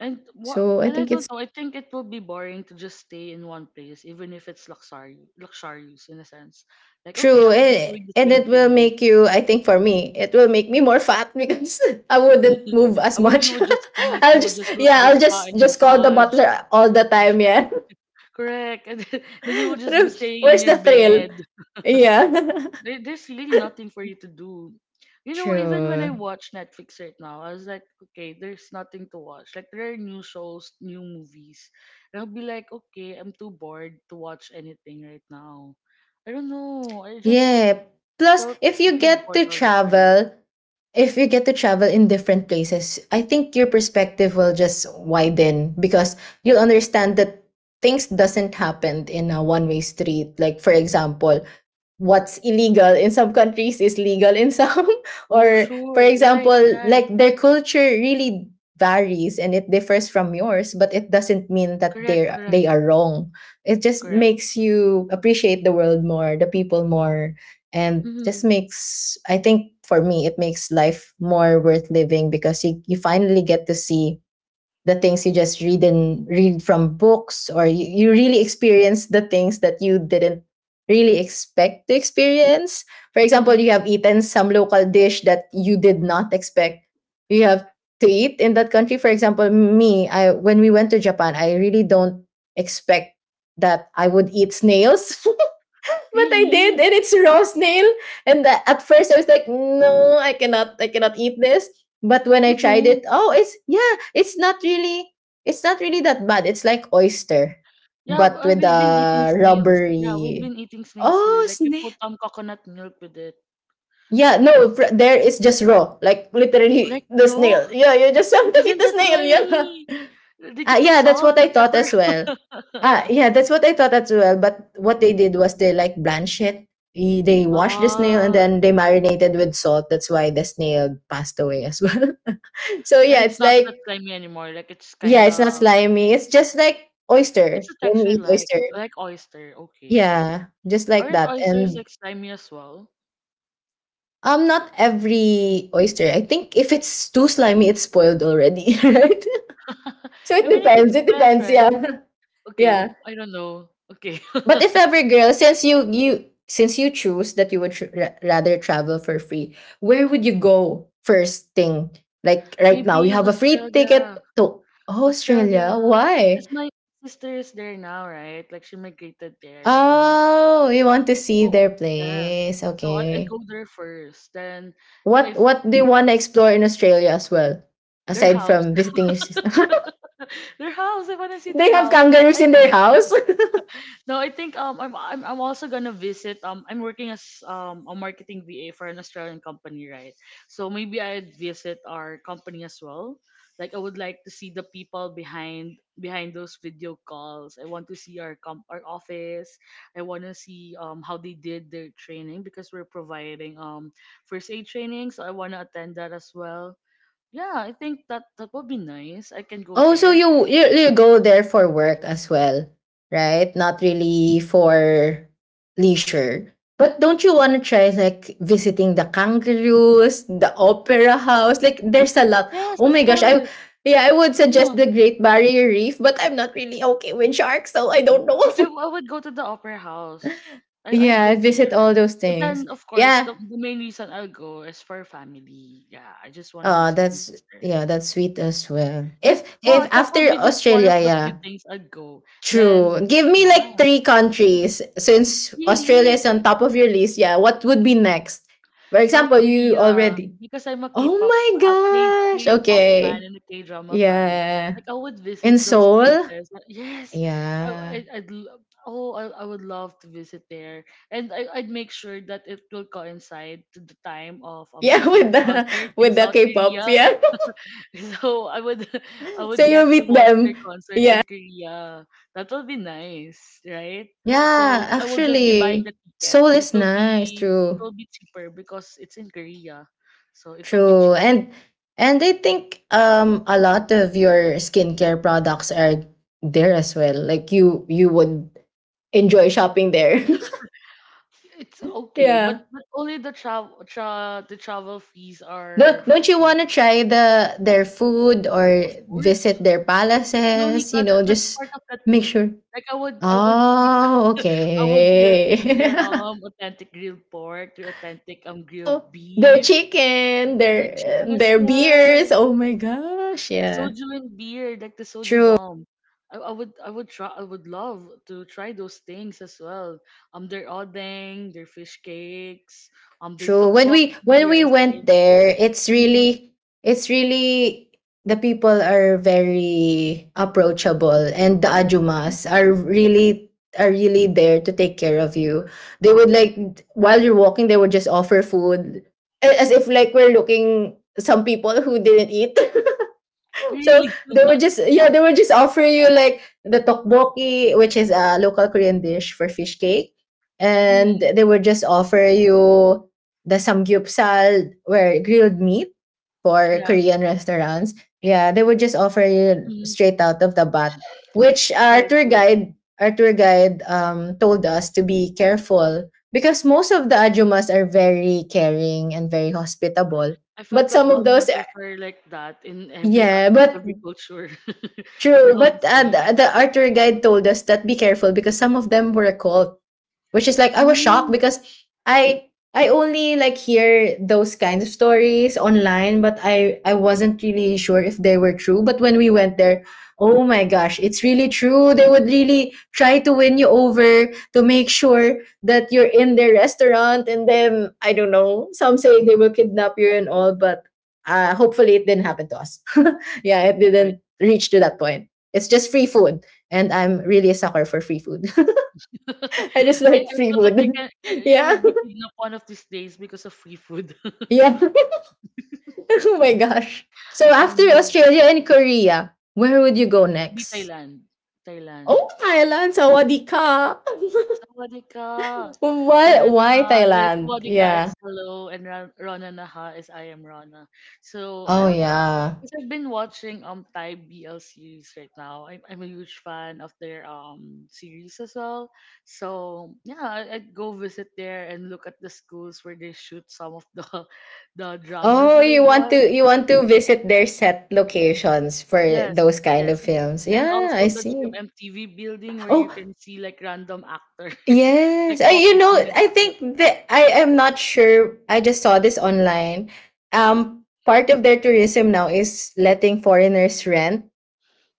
Speaker 1: And what?
Speaker 2: So I
Speaker 1: And I
Speaker 2: think
Speaker 1: don't
Speaker 2: it's
Speaker 1: know. I think it will be boring to just stay in one place, even if it's luxurious in a sense. Like, okay, I
Speaker 2: true.
Speaker 1: will be doing
Speaker 2: Eh,
Speaker 1: the
Speaker 2: and
Speaker 1: same
Speaker 2: it will
Speaker 1: thing.
Speaker 2: make you, I think for me, it will make me more fat because I wouldn't move as
Speaker 1: I will. You
Speaker 2: much.
Speaker 1: will just eat.
Speaker 2: I'll
Speaker 1: You will
Speaker 2: just
Speaker 1: just go to
Speaker 2: yeah,
Speaker 1: the
Speaker 2: I'll
Speaker 1: spa and
Speaker 2: just call the
Speaker 1: massage.
Speaker 2: butler all the time, yeah.
Speaker 1: Correct. And then you will just be
Speaker 2: True.
Speaker 1: staying on
Speaker 2: Where's
Speaker 1: your
Speaker 2: the thrill?
Speaker 1: bed.
Speaker 2: Yeah.
Speaker 1: There's really nothing for you to do. You know, even when I
Speaker 2: True.
Speaker 1: watch Netflix right now, I was like, okay, there's nothing to watch. Like there are new shows, new movies. And I'll be like, okay, I'm too bored to watch anything right now. I don't know. I just
Speaker 2: Yeah. Plus,
Speaker 1: felt
Speaker 2: if
Speaker 1: I
Speaker 2: you
Speaker 1: feel
Speaker 2: get
Speaker 1: bored
Speaker 2: to
Speaker 1: all the time.
Speaker 2: travel, if you get to travel in different places, I think your perspective will just widen because you'll understand that things doesn't happen in a one-way street. Like for example, what's illegal in some countries is legal in some,
Speaker 1: Oh
Speaker 2: or for
Speaker 1: sure,
Speaker 2: example
Speaker 1: right,
Speaker 2: like their culture really varies and it differs from yours, but it doesn't mean that they are
Speaker 1: correct,
Speaker 2: they are wrong. It just
Speaker 1: correct.
Speaker 2: makes you appreciate the world more, the people more, and just
Speaker 1: Mhm,
Speaker 2: makes I think for me it makes life more worth living because you finally get to see the things you just read and read from books, or you really experience the things that you didn't really expect to experience. For example, you
Speaker 1: mhm.
Speaker 2: have eaten some local dish that you did not expect you have to eat in that country. For example, me, I when we went to Japan, I really don't expect that I would eat snails, but I did,
Speaker 1: Really?
Speaker 2: and it's raw snail. And the- at first, I was like, no, I cannot eat this. But when I
Speaker 1: You
Speaker 2: tried
Speaker 1: don't?
Speaker 2: it, oh, it's yeah, it's not really that bad. It's like oyster,
Speaker 1: Yeah,
Speaker 2: but with
Speaker 1: we've been eating
Speaker 2: a
Speaker 1: snails. Yeah, we've
Speaker 2: rubbery.
Speaker 1: been eating snails here.
Speaker 2: Oh,
Speaker 1: Like we
Speaker 2: snail.
Speaker 1: put coconut milk with it.
Speaker 2: Yeah, no, fr- there is just raw, like literally
Speaker 1: Like
Speaker 2: the
Speaker 1: raw?
Speaker 2: snail. Yeah, you just have to eat
Speaker 1: Isn't
Speaker 2: the
Speaker 1: that
Speaker 2: snail.
Speaker 1: slimy?
Speaker 2: Yeah,
Speaker 1: Did
Speaker 2: ah,
Speaker 1: you put
Speaker 2: yeah, that's
Speaker 1: salt
Speaker 2: what I
Speaker 1: and
Speaker 2: thought
Speaker 1: pepper?
Speaker 2: as well. Ah, yeah, that's what I thought as well. But what they did was they like blanched it. Y- They washed the snail and
Speaker 1: Ah,
Speaker 2: then they marinated with salt. That's why the snail passed away as well. So
Speaker 1: and
Speaker 2: yeah,
Speaker 1: it's
Speaker 2: it's
Speaker 1: not that
Speaker 2: like
Speaker 1: slimy anymore. Like it's
Speaker 2: yeah,
Speaker 1: kind
Speaker 2: it's not
Speaker 1: of
Speaker 2: slimy. It's just like oyster
Speaker 1: what's the
Speaker 2: when you
Speaker 1: texture
Speaker 2: eat
Speaker 1: like?
Speaker 2: oyster.
Speaker 1: Like oyster. Okay.
Speaker 2: Yeah, just like
Speaker 1: Aren't
Speaker 2: that.
Speaker 1: oysters
Speaker 2: And
Speaker 1: like slimy as well?
Speaker 2: not every oyster. I think if it's too slimy, it's spoiled already, right? So it
Speaker 1: I mean, if it's
Speaker 2: depends. It
Speaker 1: fresh,
Speaker 2: depends. Yeah,
Speaker 1: right? Okay,
Speaker 2: yeah.
Speaker 1: I don't know. Okay,
Speaker 2: But if ever, girl, since you since you choose that you would tr- ra- rather travel for free, where would you go first thing? Like right now, you
Speaker 1: maybe in
Speaker 2: have a free ticket to Australia.
Speaker 1: Australia,
Speaker 2: Why?
Speaker 1: because my sister is there now, right? Like she migrated there like a month.
Speaker 2: Oh, you want to see
Speaker 1: So
Speaker 2: their
Speaker 1: yes.
Speaker 2: place?
Speaker 1: So I
Speaker 2: Okay.
Speaker 1: go there first. Then if
Speaker 2: What do you want to explore in Australia as well?
Speaker 1: their
Speaker 2: Aside
Speaker 1: house,
Speaker 2: from visiting your sis-
Speaker 1: their house, I wanna see
Speaker 2: they
Speaker 1: their
Speaker 2: have
Speaker 1: house.
Speaker 2: kangaroos
Speaker 1: And
Speaker 2: in their house.
Speaker 1: no, I think I'm also gonna visit. I'm working as a marketing VA for an Australian company, right? So maybe I'd visit our company as well. Like I would like to see the people behind those video calls. I want to see our office. I want to see how they did their training because we're providing first aid training. So I want to attend that as well. Yeah, I think that that would be nice. I can go
Speaker 2: Oh, so
Speaker 1: there.
Speaker 2: you go there for work as well, right? Not really for leisure. But don't you want to try like visiting the kangaroos, the opera house? Like there's a lot.
Speaker 1: Yes,
Speaker 2: Oh
Speaker 1: of
Speaker 2: my gosh, I
Speaker 1: course.
Speaker 2: yeah, I would suggest
Speaker 1: Uh-huh.
Speaker 2: the Great Barrier Reef, but I'm not really okay with sharks, so I don't know.
Speaker 1: Like I I would go to the opera house. I'd
Speaker 2: Yeah,
Speaker 1: go
Speaker 2: visit
Speaker 1: there.
Speaker 2: all those
Speaker 1: But
Speaker 2: things.
Speaker 1: then of course
Speaker 2: Yeah.
Speaker 1: the main reason I'll go is for family. Yeah, I just want to
Speaker 2: Uh
Speaker 1: visit my
Speaker 2: that's
Speaker 1: sister.
Speaker 2: yeah, that's sweet as well.
Speaker 1: If
Speaker 2: If
Speaker 1: but that would
Speaker 2: after
Speaker 1: be just one of
Speaker 2: Australia,
Speaker 1: the few
Speaker 2: yeah.
Speaker 1: things I'd go.
Speaker 2: True.
Speaker 1: Then
Speaker 2: Give me
Speaker 1: yeah,
Speaker 2: like three countries since Australia is
Speaker 1: really.
Speaker 2: on top of your list. Yeah, what would be next? For
Speaker 1: South
Speaker 2: example, you
Speaker 1: Korea,
Speaker 2: already.
Speaker 1: because I'm a
Speaker 2: Oh my gosh.
Speaker 1: K-pop fan
Speaker 2: Okay.
Speaker 1: and a K-drama fan.
Speaker 2: Yeah.
Speaker 1: Like I would visit
Speaker 2: In
Speaker 1: those
Speaker 2: Seoul?
Speaker 1: places. Like, yes, I
Speaker 2: Yeah.
Speaker 1: I'd lo- oh I would love to visit there, and I'd make sure that it will coincide to the time of
Speaker 2: Yeah, with
Speaker 1: BTS
Speaker 2: the
Speaker 1: concert in
Speaker 2: with the
Speaker 1: South
Speaker 2: K-pop,
Speaker 1: Korea.
Speaker 2: yeah.
Speaker 1: So I would I
Speaker 2: So
Speaker 1: would
Speaker 2: you
Speaker 1: get to
Speaker 2: meet
Speaker 1: watch their
Speaker 2: them.
Speaker 1: concert in
Speaker 2: Yeah.
Speaker 1: Korea. That would be nice, right? So
Speaker 2: Yeah,
Speaker 1: I will just be buying the
Speaker 2: actually. Seoul
Speaker 1: tickets and
Speaker 2: is nice,
Speaker 1: it
Speaker 2: true.
Speaker 1: will be cheaper because it's in Korea. So it will be
Speaker 2: True.
Speaker 1: cheap.
Speaker 2: And I think a lot of your skincare products are there as well. Like you would enjoy shopping there.
Speaker 1: It's okay,
Speaker 2: Yeah.
Speaker 1: but only the travel fees are
Speaker 2: Don't you
Speaker 1: free.
Speaker 2: want to try their food or
Speaker 1: Of course.
Speaker 2: visit their palaces,
Speaker 1: Lonica, that's
Speaker 2: just
Speaker 1: part of the
Speaker 2: make
Speaker 1: trip.
Speaker 2: sure.
Speaker 1: Like I would eat
Speaker 2: Oh, okay.
Speaker 1: eat their authentic grilled pork, their authentic
Speaker 2: Wow.
Speaker 1: grilled
Speaker 2: Their
Speaker 1: beef,
Speaker 2: chicken,
Speaker 1: their
Speaker 2: their
Speaker 1: chicken as
Speaker 2: their beers.
Speaker 1: well.
Speaker 2: Oh my gosh, yeah.
Speaker 1: Soju and beer, like the soju
Speaker 2: True.
Speaker 1: bomb. I would try, I would love to try those things as well. Their odeng, their fish cakes, their
Speaker 2: True. When we when
Speaker 1: tteokbokki,
Speaker 2: we
Speaker 1: rice
Speaker 2: went
Speaker 1: cake.
Speaker 2: there,
Speaker 1: Mm,
Speaker 2: it's really the people are very approachable, and the
Speaker 1: are- mm,
Speaker 2: ajumas are really there to take care of you. They would, like, while you're walking, they would just offer food as if like we're looking some people who didn't eat. So
Speaker 1: really?
Speaker 2: they were just offering you like the tteokbokki, which is a local Korean dish for fish cake, and
Speaker 1: Mm,
Speaker 2: they would just offer you the samgyeopsal, where grilled meat for
Speaker 1: yeah.
Speaker 2: Korean restaurants. Yeah, they would just offer you
Speaker 1: Mm,
Speaker 2: straight out of the bat, which our
Speaker 1: right,
Speaker 2: tour
Speaker 1: right.
Speaker 2: guide our tour guide told us to be careful because most of the ajumas are very caring and very hospitable,
Speaker 1: I
Speaker 2: but
Speaker 1: felt like
Speaker 2: some of
Speaker 1: all
Speaker 2: those
Speaker 1: mothers are like that in
Speaker 2: yeah, but
Speaker 1: every culture.
Speaker 2: true,
Speaker 1: They're all the
Speaker 2: but
Speaker 1: same.
Speaker 2: the art tour guide told us that be careful because some of them were a cult, which is like I was shocked
Speaker 1: Mm,
Speaker 2: because I I only, like, hear those kinds of stories online, but I wasn't really sure if they were true. But when we went there, oh my gosh, it's really true. They would really try to win you over to make sure that you're in their restaurant, and then I don't know. Some say they will kidnap you and all, but hopefully it didn't happen to us. Yeah, it
Speaker 1: right.
Speaker 2: didn't reach to that point. It's just free food, and I'm really a sucker for free food. I just
Speaker 1: I,
Speaker 2: like
Speaker 1: I
Speaker 2: free
Speaker 1: felt like you
Speaker 2: food.
Speaker 1: can you, you
Speaker 2: Yeah.
Speaker 1: would be kidnapped one of these days because of free food.
Speaker 2: Yeah. Oh my gosh. So
Speaker 1: Oh
Speaker 2: after
Speaker 1: no,
Speaker 2: Australia and Korea, where would you go
Speaker 1: maybe
Speaker 2: next?
Speaker 1: Thailand. Thailand.
Speaker 2: Oh, Thailand. Sawadika.
Speaker 1: Sawadika. Rona
Speaker 2: What? Why
Speaker 1: Naha is
Speaker 2: Thailand?
Speaker 1: Sawadika
Speaker 2: Yeah.
Speaker 1: is hello and Rona Naha is I am Rana. So I
Speaker 2: Oh
Speaker 1: don't know
Speaker 2: yeah.
Speaker 1: because I've been watching Thai BL series right now. I'm a huge fan of their series as well. So yeah, I'd go visit there and look at the schools where they shoot some of the the dramas
Speaker 2: Oh,
Speaker 1: that I
Speaker 2: you want to
Speaker 1: watched.
Speaker 2: you want to visit their set locations for
Speaker 1: Yes,
Speaker 2: those kind
Speaker 1: yes.
Speaker 2: of
Speaker 1: And
Speaker 2: films.
Speaker 1: and
Speaker 2: Yeah, I
Speaker 1: also the
Speaker 2: see.
Speaker 1: GMMTV building where you
Speaker 2: Oh,
Speaker 1: can see like random actors like
Speaker 2: yes, I, you
Speaker 1: walking
Speaker 2: know,
Speaker 1: in and
Speaker 2: I
Speaker 1: out.
Speaker 2: think that I am not sure. I just saw this online. Part of their tourism now is letting foreigners rent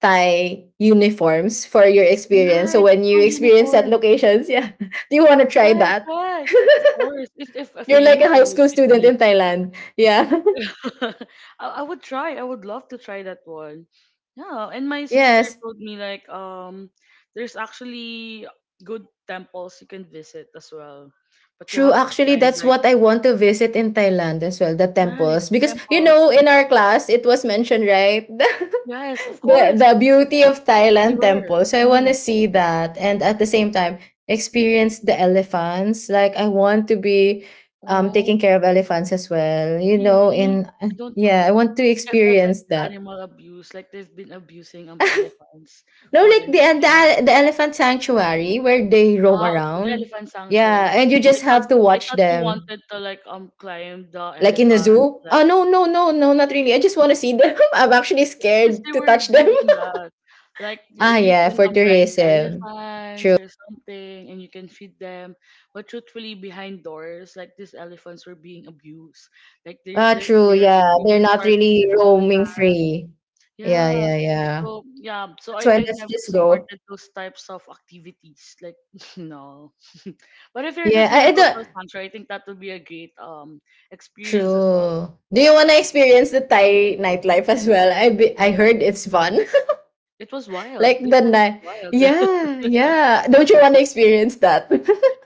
Speaker 2: Thai uniforms for your experience. So
Speaker 1: Right,
Speaker 2: when you
Speaker 1: school
Speaker 2: experience at
Speaker 1: uniform.
Speaker 2: locations, yeah, do you want to try
Speaker 1: Right,
Speaker 2: that?
Speaker 1: right. Of course. If a
Speaker 2: You're like a high
Speaker 1: uniform would
Speaker 2: school
Speaker 1: fit
Speaker 2: student
Speaker 1: me.
Speaker 2: in Thailand. Yeah.
Speaker 1: I would try. I would love to try that one. Yeah. And my sister
Speaker 2: Yes,
Speaker 1: told me like there's actually good temples you can visit as well. But you
Speaker 2: true.
Speaker 1: have to
Speaker 2: Actually,
Speaker 1: climb
Speaker 2: that's
Speaker 1: like
Speaker 2: what I want to visit in Thailand as well, the
Speaker 1: right
Speaker 2: temples. Because,
Speaker 1: temples.
Speaker 2: in our class, it was mentioned, right?
Speaker 1: Yes, of
Speaker 2: the
Speaker 1: course.
Speaker 2: the beauty of
Speaker 1: They
Speaker 2: Thailand
Speaker 1: were.
Speaker 2: temple. So I want to
Speaker 1: Mhm.
Speaker 2: see that and at the same time experience the elephants. Like I want to be
Speaker 1: Oh,
Speaker 2: taking care of elephants as well.
Speaker 1: really? I don't
Speaker 2: I
Speaker 1: know.
Speaker 2: want to
Speaker 1: Like I felt like
Speaker 2: experience
Speaker 1: it's
Speaker 2: that.
Speaker 1: animal abuse. Like they've been abusing elephants
Speaker 2: No,
Speaker 1: for
Speaker 2: like the the,
Speaker 1: entertainment.
Speaker 2: ele- the elephant sanctuary where they roam
Speaker 1: Ah, okay, the
Speaker 2: around.
Speaker 1: elephant
Speaker 2: Yeah,
Speaker 1: sanctuary.
Speaker 2: and you
Speaker 1: I
Speaker 2: just
Speaker 1: thought
Speaker 2: have to
Speaker 1: I
Speaker 2: watch
Speaker 1: thought you
Speaker 2: them.
Speaker 1: wanted to like climb the
Speaker 2: Like in the
Speaker 1: elephant
Speaker 2: zoo? Oh
Speaker 1: like
Speaker 2: no, no, no, no, not really. I just want to see them. I'm actually
Speaker 1: this because
Speaker 2: scared
Speaker 1: they
Speaker 2: to
Speaker 1: were
Speaker 2: touch them.
Speaker 1: doing that. Like you
Speaker 2: Ah,
Speaker 1: you
Speaker 2: yeah,
Speaker 1: can
Speaker 2: for
Speaker 1: ride the
Speaker 2: tourism.
Speaker 1: elephants
Speaker 2: True.
Speaker 1: or something and you can feed them. But truthfully behind doors, like these elephants were being abused. Like they
Speaker 2: Ah,
Speaker 1: they
Speaker 2: true.
Speaker 1: they, are-
Speaker 2: Yeah,
Speaker 1: they
Speaker 2: they're
Speaker 1: were
Speaker 2: not
Speaker 1: starving
Speaker 2: really
Speaker 1: these
Speaker 2: roaming
Speaker 1: elephants.
Speaker 2: free. Yeah,
Speaker 1: Yeah.
Speaker 2: yeah, yeah.
Speaker 1: So yeah, so
Speaker 2: That's
Speaker 1: I,
Speaker 2: why
Speaker 1: I've
Speaker 2: let's
Speaker 1: never
Speaker 2: just go.
Speaker 1: supported those types of activities. Like no. But if you're
Speaker 2: Yeah,
Speaker 1: just
Speaker 2: I,
Speaker 1: gonna
Speaker 2: I
Speaker 1: go
Speaker 2: don't.
Speaker 1: to a sanctuary, I think that would be a great experience as well.
Speaker 2: True. Do you want to experience the Thai nightlife as well? I heard it's fun.
Speaker 1: It was
Speaker 2: Like
Speaker 1: wild. They
Speaker 2: the
Speaker 1: said it's
Speaker 2: night.
Speaker 1: wild.
Speaker 2: Yeah, yeah. Don't you want to experience that?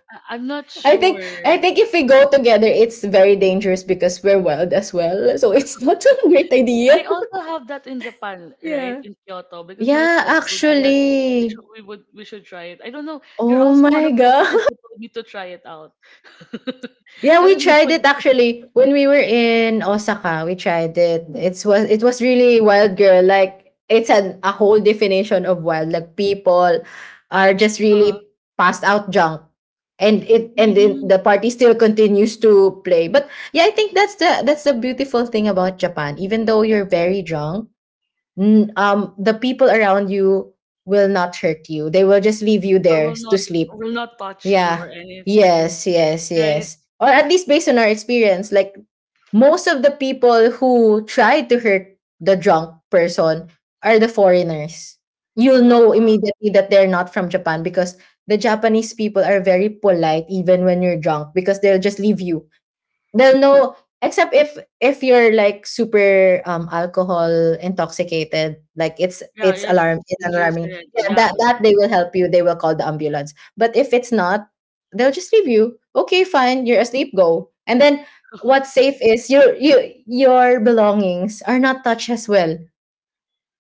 Speaker 1: I'm not
Speaker 2: I think
Speaker 1: sure.
Speaker 2: I think if we go together, it's very dangerous because we're wild as well. So it's not a great
Speaker 1: They
Speaker 2: idea.
Speaker 1: also have that in Japan, right?
Speaker 2: Yeah.
Speaker 1: In Kyoto, because my
Speaker 2: Yeah,
Speaker 1: friend told me that
Speaker 2: actually.
Speaker 1: we should try it. I don't know. You're
Speaker 2: Oh
Speaker 1: also one
Speaker 2: my
Speaker 1: of those friends
Speaker 2: god.
Speaker 1: who told me to try it out.
Speaker 2: Yeah,
Speaker 1: I
Speaker 2: we
Speaker 1: don't know.
Speaker 2: tried
Speaker 1: Why.
Speaker 2: it actually when we were in Osaka. We tried it. It was really wild, girl. Like it's an a whole definition of wild. Like people are just really passed out drunk, and it and then
Speaker 1: Uh,
Speaker 2: the party still continues to play. But yeah, I think that's the beautiful thing about Japan. Even though you're very drunk, the people around you will not hurt you. They will just leave you
Speaker 1: Or
Speaker 2: there
Speaker 1: will
Speaker 2: to
Speaker 1: not
Speaker 2: sleep.
Speaker 1: touch you or
Speaker 2: Yeah.
Speaker 1: anything,
Speaker 2: Yes, yes,
Speaker 1: right?
Speaker 2: yes. Or at least based on our experience, like most of the people who try to hurt the drunk person are the foreigners. You'll know
Speaker 1: Oh,
Speaker 2: immediately that they're not from Japan because the Japanese people are very polite even when you're drunk because they'll just leave you. They'll know, except if you're like super alcohol intoxicated, like it's
Speaker 1: yeah,
Speaker 2: it's
Speaker 1: you're
Speaker 2: alarm it's
Speaker 1: dangerous
Speaker 2: alarming.
Speaker 1: already.
Speaker 2: Yeah, that
Speaker 1: Yeah,
Speaker 2: that
Speaker 1: yeah.
Speaker 2: they will help you. They will call the ambulance. But if it's not, they'll just leave you. Okay, fine, you're asleep, go. And then what's safe is your belongings are not touched as well.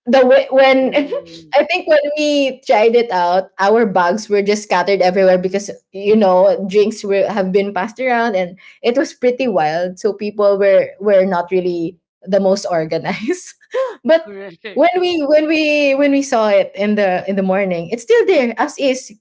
Speaker 2: The wi- when
Speaker 1: Mm,
Speaker 2: I think when we tried it out, our bags were just scattered everywhere because drinks were have been passed around, and it was pretty wild. So people were not really the most organized. But when
Speaker 1: correct.
Speaker 2: we when we when we saw it in the morning, it's still there as is,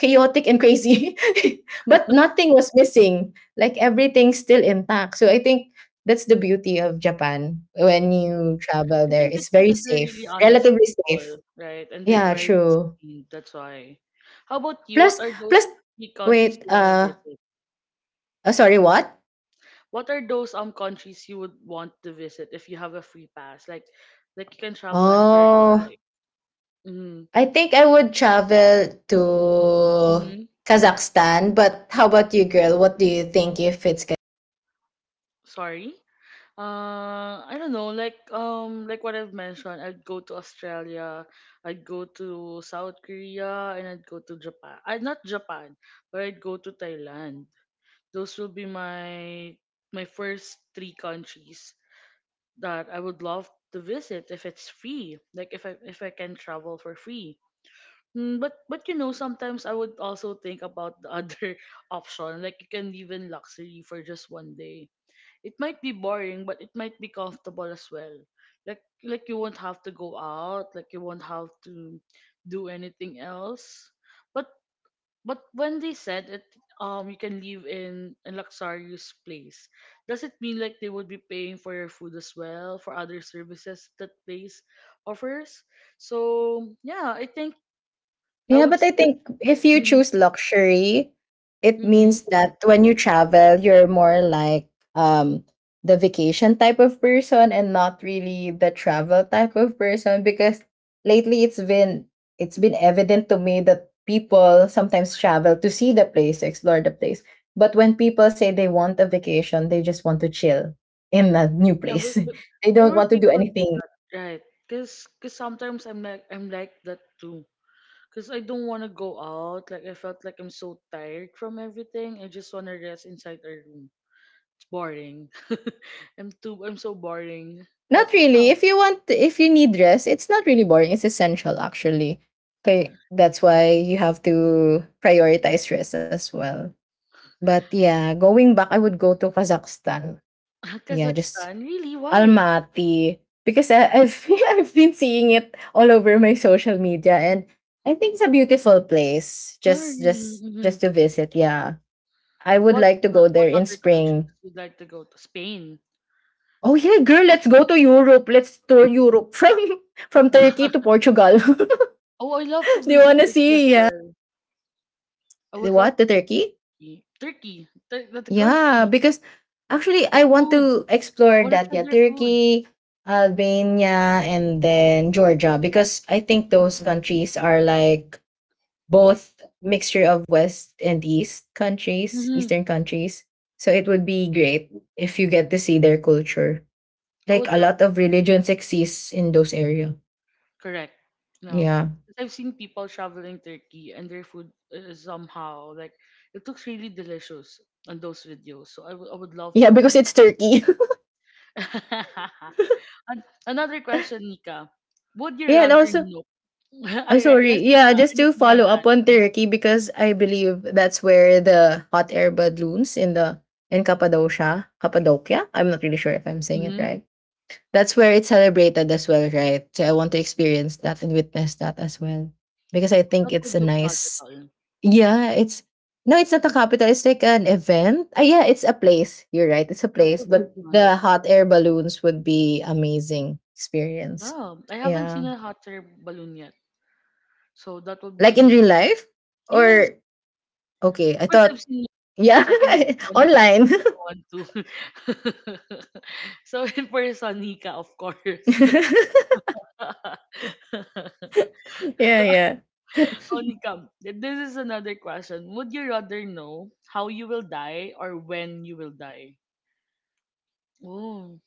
Speaker 2: chaotic and crazy. But nothing was missing, like everything's still intact, so I think that's the beauty of Japan when
Speaker 1: Mhm.
Speaker 2: you travel
Speaker 1: I
Speaker 2: there.
Speaker 1: think it's
Speaker 2: It's very
Speaker 1: because they're really
Speaker 2: safe,
Speaker 1: honest
Speaker 2: relatively safe.
Speaker 1: people, right? And they're
Speaker 2: Yeah,
Speaker 1: very
Speaker 2: true.
Speaker 1: disciplined. That's why. How about you?
Speaker 2: Plus
Speaker 1: What are
Speaker 2: plus
Speaker 1: those three countries
Speaker 2: wait,
Speaker 1: you want to visit?
Speaker 2: sorry, what?
Speaker 1: What are those countries you would want to visit if you have a free pass? Like you can travel anywhere you
Speaker 2: Oh,
Speaker 1: like. Mm-hmm.
Speaker 2: I think I would travel to
Speaker 1: Mm-hmm.
Speaker 2: Kazakhstan, but how about you, girl? What do you think if it's
Speaker 1: Sorry. I don't know, like what I've mentioned, I'd go to Australia, I'd go to South Korea, and I'd go to Japan. I not Japan, but I'd go to Thailand. Those will be my my first three countries that I would love to visit if it's free. Like if I can travel for free. Mm, but you know, sometimes I would also think about the other option. Like you can live in luxury for just one day, it might be boring but it might be comfortable as well, like you won't have to go out, like you won't have to do anything else, but but when they said it, you can live in a luxurious place, does it mean like they would be paying for your food as well for other services that place offers? So yeah, I think I
Speaker 2: Yeah,
Speaker 1: would
Speaker 2: but I
Speaker 1: say
Speaker 2: think if you
Speaker 1: mm,
Speaker 2: choose luxury, it
Speaker 1: mm,
Speaker 2: means that when you travel, you're more like um the vacation type of person and not really the travel type of person because lately it's been evident to me that people sometimes travel to see the place, to explore the place. But when people say they want a vacation, they just want to chill in a new
Speaker 1: yeah,
Speaker 2: place.
Speaker 1: but
Speaker 2: They
Speaker 1: there
Speaker 2: don't
Speaker 1: were
Speaker 2: want to do
Speaker 1: people
Speaker 2: anything.
Speaker 1: right because sometimes I'm like that too. Because I don't want to go out. Like, I felt like I'm so tired from everything. I just want to rest inside our room. It's boring. I'm so boring. But
Speaker 2: Not
Speaker 1: yeah,
Speaker 2: really. If you want, if you need rest, it's not really boring. It's essential, actually. Okay, that's why you have to prioritize rest as well. But yeah, going back, I would go to Kazakhstan. Yeah, just
Speaker 1: Kazakhstan, really? Why?
Speaker 2: Almaty because I, I've I've been seeing it all over my social media, and I think it's a beautiful place.
Speaker 1: Ah,
Speaker 2: Just
Speaker 1: really?
Speaker 2: just just
Speaker 1: Mhm.
Speaker 2: to visit. Yeah, I would
Speaker 1: What,
Speaker 2: like to go there
Speaker 1: what
Speaker 2: in
Speaker 1: other countries
Speaker 2: spring.
Speaker 1: would like to go to? Spain.
Speaker 2: Oh yeah, girl, let's go to Europe. Let's tour Europe from Turkey to Portugal. Do
Speaker 1: Oh, I love to
Speaker 2: you
Speaker 1: visit
Speaker 2: wanna
Speaker 1: Turkey as
Speaker 2: see? Yeah.
Speaker 1: well. I
Speaker 2: The
Speaker 1: would love
Speaker 2: what? The
Speaker 1: to visit
Speaker 2: Turkey?
Speaker 1: Turkey. Turkey, the
Speaker 2: Yeah,
Speaker 1: country,
Speaker 2: because actually
Speaker 1: the
Speaker 2: I want
Speaker 1: food.
Speaker 2: to
Speaker 1: I
Speaker 2: explore
Speaker 1: want to
Speaker 2: that.
Speaker 1: try
Speaker 2: Yeah,
Speaker 1: their food.
Speaker 2: Turkey, Albania, and then Georgia. Because I think those countries are like both mixture of West and East countries,
Speaker 1: Hmm.
Speaker 2: Eastern countries. So it would be great if you get to see their culture.
Speaker 1: I
Speaker 2: Like
Speaker 1: would
Speaker 2: a
Speaker 1: love
Speaker 2: lot
Speaker 1: to
Speaker 2: of
Speaker 1: see.
Speaker 2: religions exist in those area.
Speaker 1: Correct. No.
Speaker 2: Yeah.
Speaker 1: 'Cause I've seen people traveling Turkey and their food is somehow like it looks really delicious on those videos. So I would love
Speaker 2: Yeah,
Speaker 1: to.
Speaker 2: because it's Turkey.
Speaker 1: Another question, Nika. Would you
Speaker 2: Yeah, and
Speaker 1: rather
Speaker 2: also,
Speaker 1: know?
Speaker 2: I'm
Speaker 1: Yes,
Speaker 2: sorry. Yeah,
Speaker 1: Nika.
Speaker 2: just to
Speaker 1: Anything you want
Speaker 2: follow
Speaker 1: to add?
Speaker 2: up on Turkey because I believe that's where the hot air balloons in the in Cappadocia, Cappadocia. I'm not really sure if I'm saying it
Speaker 1: Mm-hmm.
Speaker 2: right. That's where it's celebrated as well, right? So I want to experience that and witness that as well because I think
Speaker 1: That
Speaker 2: it's
Speaker 1: would
Speaker 2: a
Speaker 1: look
Speaker 2: nice.
Speaker 1: magical.
Speaker 2: Yeah, it's no, it's not a capital. It's like an event. Ah, yeah, it's a place. You're right. It's a
Speaker 1: That
Speaker 2: place,
Speaker 1: would look
Speaker 2: but the
Speaker 1: magical.
Speaker 2: hot
Speaker 1: Yes.
Speaker 2: air balloons would be amazing experience.
Speaker 1: Yeah, I haven't seen
Speaker 2: Yeah.
Speaker 1: a hot air balloon yet, so that would
Speaker 2: Like
Speaker 1: be
Speaker 2: in real
Speaker 1: nice.
Speaker 2: life?
Speaker 1: Yes,
Speaker 2: Or okay, I
Speaker 1: of course I've
Speaker 2: thought.
Speaker 1: seen
Speaker 2: Yeah,
Speaker 1: pictures. I can see one right
Speaker 2: online.
Speaker 1: want to. So in person, Nika, of course. Oh,
Speaker 2: Yeah, yeah.
Speaker 1: Nika, this is another question. Would you rather know how you will die or when you will die? Oh,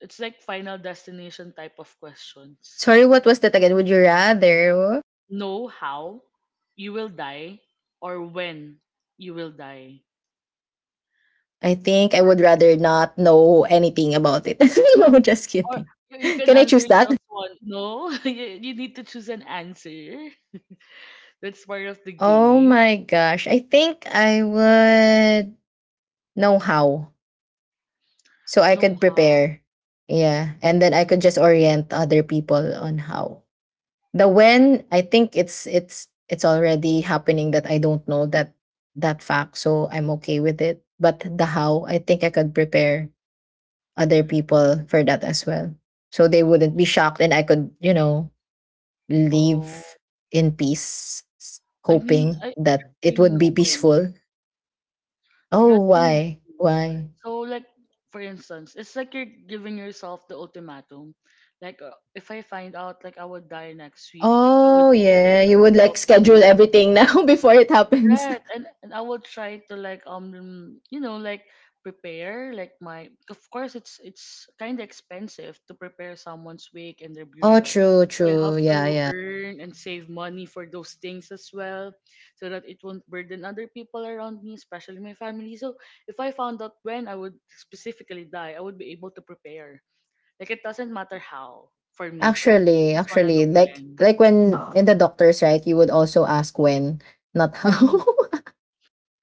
Speaker 1: it's like final destination type of questions.
Speaker 2: Sorry, what was that again? Would you rather?
Speaker 1: Know how you will die or when you will die.
Speaker 2: I think
Speaker 1: It's
Speaker 2: I
Speaker 1: like
Speaker 2: would
Speaker 1: final
Speaker 2: rather not know
Speaker 1: destination.
Speaker 2: anything about it. No, just
Speaker 1: Or
Speaker 2: kidding.
Speaker 1: you can
Speaker 2: Can I
Speaker 1: answer
Speaker 2: choose that?
Speaker 1: just one. No, you need to choose an answer. That's part of the
Speaker 2: Oh
Speaker 1: game?
Speaker 2: my gosh. I think I would know how. So I
Speaker 1: No
Speaker 2: could
Speaker 1: how.
Speaker 2: prepare. Yeah. And then I could just orient other people on how. The when, I think it's already happening that I don't know that fact, so I'm okay with it. But the how, I think I could prepare other people for that as well so they wouldn't be
Speaker 1: Oh,
Speaker 2: shocked, and I could,
Speaker 1: oh.
Speaker 2: leave in peace,
Speaker 1: I mean,
Speaker 2: hoping
Speaker 1: I I'd
Speaker 2: that it
Speaker 1: rather
Speaker 2: would
Speaker 1: know
Speaker 2: be
Speaker 1: when.
Speaker 2: peaceful.
Speaker 1: I
Speaker 2: Oh,
Speaker 1: rather know
Speaker 2: why
Speaker 1: when.
Speaker 2: why
Speaker 1: So, like, for instance, it's like you're giving yourself the ultimatum. Like, if I find out, like, I would die next week, I would
Speaker 2: Oh
Speaker 1: do the things
Speaker 2: yeah,
Speaker 1: I
Speaker 2: you
Speaker 1: would
Speaker 2: would, like,
Speaker 1: love to do
Speaker 2: schedule
Speaker 1: right?
Speaker 2: everything now before it happens.
Speaker 1: Right, and I will try to like you know like prepare like my of course it's kind of expensive to prepare someone's wake and their
Speaker 2: Oh,
Speaker 1: burial.
Speaker 2: true,
Speaker 1: So I
Speaker 2: true.
Speaker 1: have to
Speaker 2: Yeah, yeah.
Speaker 1: earn and save money for those things as well so that it won't burden other people around me, especially my family. So if I found out when I would specifically die, I would be able to prepare. Like it doesn't matter how for me. I
Speaker 2: Actually
Speaker 1: just want to
Speaker 2: actually,
Speaker 1: know
Speaker 2: like
Speaker 1: when.
Speaker 2: when in the doctors, right, you would also ask when, not how.
Speaker 1: Hmm.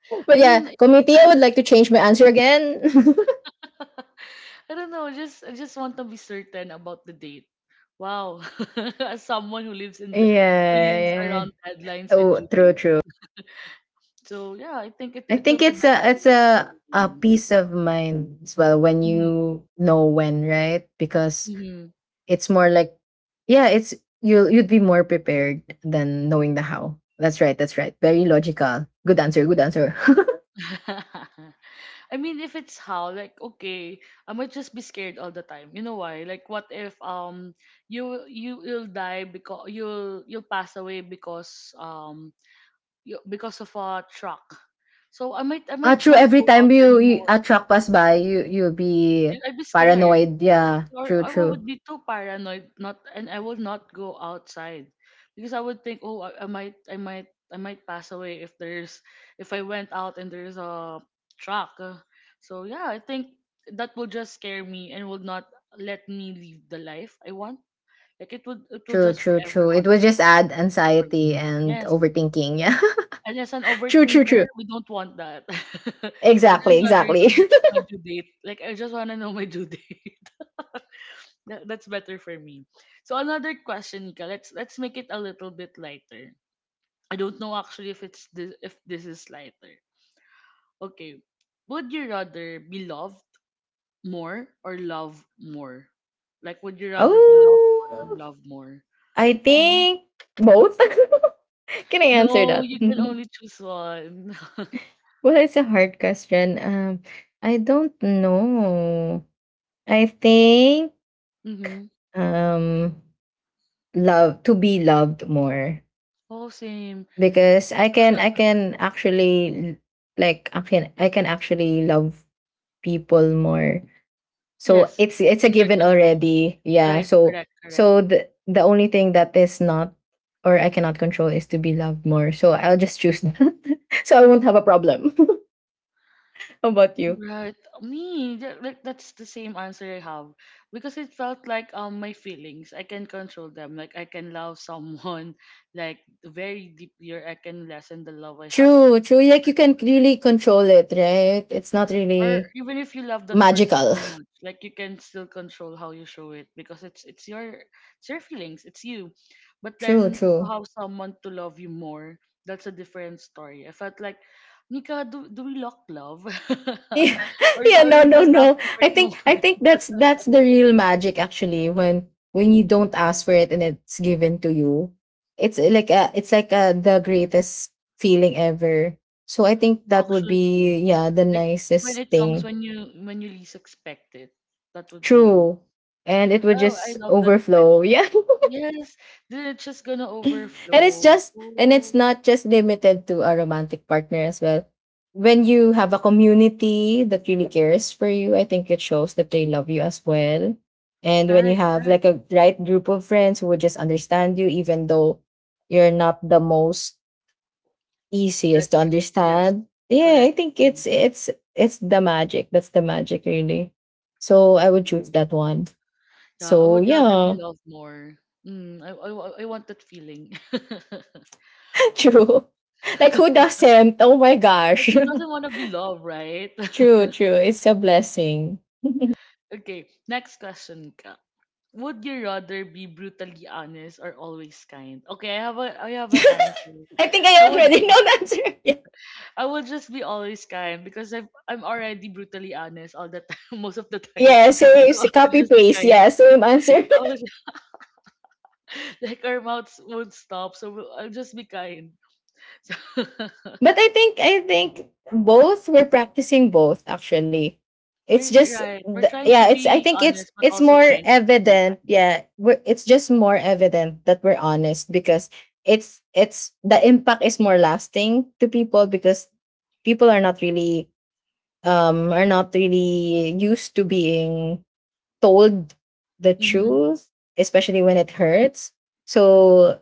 Speaker 2: But
Speaker 1: I
Speaker 2: yeah,
Speaker 1: mean,
Speaker 2: committee, I would like to change my answer again.
Speaker 1: I don't know. Just I just want to be certain about the date. Wow, as someone who lives in who
Speaker 2: Yeah.
Speaker 1: lives
Speaker 2: Yeah.
Speaker 1: around deadlines and
Speaker 2: Oh,
Speaker 1: due
Speaker 2: true,
Speaker 1: date,
Speaker 2: true.
Speaker 1: so yeah, I think
Speaker 2: I
Speaker 1: it will
Speaker 2: think
Speaker 1: be
Speaker 2: it's a
Speaker 1: better
Speaker 2: it's a
Speaker 1: for
Speaker 2: a
Speaker 1: me.
Speaker 2: peace of mind as well when
Speaker 1: Mhm,
Speaker 2: you know when, right? Because
Speaker 1: mhm.
Speaker 2: it's more like yeah, it's you'll you'd be more prepared than knowing the how. That's right, that's right. Very logical. Good answer, good answer.
Speaker 1: I mean, if it's how, like, okay, I might just be scared all the time. You know why? Like, what if you will die because you'll pass away because because of a truck. So I
Speaker 2: Ah,
Speaker 1: might
Speaker 2: true.
Speaker 1: not
Speaker 2: Every
Speaker 1: go out
Speaker 2: time you
Speaker 1: anymore.
Speaker 2: a truck pass by, you'll be
Speaker 1: Yun, I'd be scared
Speaker 2: paranoid. Yeah,
Speaker 1: or
Speaker 2: true,
Speaker 1: I
Speaker 2: true,
Speaker 1: would be too paranoid not and I would not go outside because I would think oh I might pass away if there's if I went out and there's a truck. So yeah, I think that will just scare me and would not let me live the life I want, like it would it will
Speaker 2: true,
Speaker 1: just
Speaker 2: true,
Speaker 1: forever
Speaker 2: true. It
Speaker 1: haunt
Speaker 2: will
Speaker 1: me,
Speaker 2: just
Speaker 1: that
Speaker 2: add
Speaker 1: kind of
Speaker 2: anxiety
Speaker 1: information,
Speaker 2: and
Speaker 1: yes.
Speaker 2: overthinking. Yeah,
Speaker 1: And as an
Speaker 2: true, true,
Speaker 1: overthinker
Speaker 2: true.
Speaker 1: we don't want that. I
Speaker 2: Exactly,
Speaker 1: just rather know
Speaker 2: exactly.
Speaker 1: that my due date, like I just want to know my due date. That's better for me. So another question, Nika. Let's make it a little bit lighter. I don't know actually if it's this, if this is lighter. Okay. Would you rather be loved more or love more? Like would you rather be loved more or
Speaker 2: Oh,
Speaker 1: love more?
Speaker 2: I
Speaker 1: Oh.
Speaker 2: think both. Can I answer
Speaker 1: No,
Speaker 2: that?
Speaker 1: you can only choose one.
Speaker 2: Well, it's a hard question. I don't know. I think
Speaker 1: Mm-hmm.
Speaker 2: um love to be loved more
Speaker 1: Oh, same.
Speaker 2: because I can actually, like I can actually love people more. So
Speaker 1: Yes,
Speaker 2: it's
Speaker 1: it's
Speaker 2: it's a
Speaker 1: in your
Speaker 2: given
Speaker 1: control.
Speaker 2: already. Yeah.
Speaker 1: Right,
Speaker 2: So
Speaker 1: correct, correct.
Speaker 2: so the only thing that is not, or I cannot control, is to be loved more. So I'll just choose that. So I won't have a problem. How about you?
Speaker 1: Right. Me, like that's the same answer I have because it felt like my feelings I can control them. Like I can love someone like very deeply, or I can lessen the love I have.
Speaker 2: True, true. Like you can really control it, right? It's not
Speaker 1: Or
Speaker 2: really
Speaker 1: even if you love that person
Speaker 2: magical.
Speaker 1: so much, like you can still control how you show it because it's your feelings, it's you. But
Speaker 2: True,
Speaker 1: then to
Speaker 2: true.
Speaker 1: have someone to love you more, that's a different story. I felt like, Nika, do we lock love,
Speaker 2: Yeah, yeah,
Speaker 1: or
Speaker 2: no,
Speaker 1: we
Speaker 2: no,
Speaker 1: just
Speaker 2: no,
Speaker 1: asking for
Speaker 2: i
Speaker 1: too
Speaker 2: think i
Speaker 1: much?
Speaker 2: think that's the real magic actually, when you don't ask for it and it's given to you, it's like the greatest feeling ever. So I think that would be,
Speaker 1: Actually,
Speaker 2: yeah, the
Speaker 1: like when
Speaker 2: nicest
Speaker 1: it comes
Speaker 2: thing.
Speaker 1: when you least expect it, that would be nice.
Speaker 2: True, and it would
Speaker 1: Oh, I
Speaker 2: just
Speaker 1: love that type
Speaker 2: overflow.
Speaker 1: of
Speaker 2: Yeah.
Speaker 1: yes. Then it's just gonna
Speaker 2: And it's
Speaker 1: overflow.
Speaker 2: just, and it's
Speaker 1: Oh,
Speaker 2: not just limited to a romantic partner as well. When you have a community that really cares for you, I think it shows that they love you as well. And when you
Speaker 1: right,
Speaker 2: have like
Speaker 1: right.
Speaker 2: a right group of friends who would just understand you even though you're not the most
Speaker 1: That,
Speaker 2: easiest to
Speaker 1: is- yes,
Speaker 2: understand, yeah, I
Speaker 1: correct.
Speaker 2: think
Speaker 1: Mm.
Speaker 2: it's it's the magic, that's the magic really. So I would choose that one.
Speaker 1: Yeah, I
Speaker 2: So
Speaker 1: would rather be
Speaker 2: yeah.
Speaker 1: loved more. Mm, I want that feeling.
Speaker 2: True, like who doesn't, oh my
Speaker 1: Like
Speaker 2: gosh.
Speaker 1: who doesn't want to be loved, right?
Speaker 2: True, true. It's a blessing.
Speaker 1: Okay, next question ka. Would you rather be brutally honest or always kind? Okay, I have a I have an answer.
Speaker 2: I think I
Speaker 1: I would
Speaker 2: already know the answer.
Speaker 1: I would just be always kind because I've, I'm already brutally honest all the time, most of the
Speaker 2: Yeah, yeah,
Speaker 1: times. So I'll
Speaker 2: copy
Speaker 1: just be
Speaker 2: paste.
Speaker 1: kind.
Speaker 2: Yeah, same answer.
Speaker 1: I was, like our mouths won't stop, so I'll just be kind.
Speaker 2: But I think both, we're practicing both actually.
Speaker 1: So
Speaker 2: It's
Speaker 1: we're,
Speaker 2: just
Speaker 1: right, we're
Speaker 2: the,
Speaker 1: trying to
Speaker 2: yeah, it's I
Speaker 1: be
Speaker 2: think it's
Speaker 1: honest but
Speaker 2: it's
Speaker 1: also
Speaker 2: more
Speaker 1: kind at the same
Speaker 2: evident.
Speaker 1: time.
Speaker 2: Yeah, we're, it's just more evident that we're honest because it's the impact is more lasting to people, because people are not really used to being told the
Speaker 1: Mm-hmm.
Speaker 2: truth, especially when it hurts. So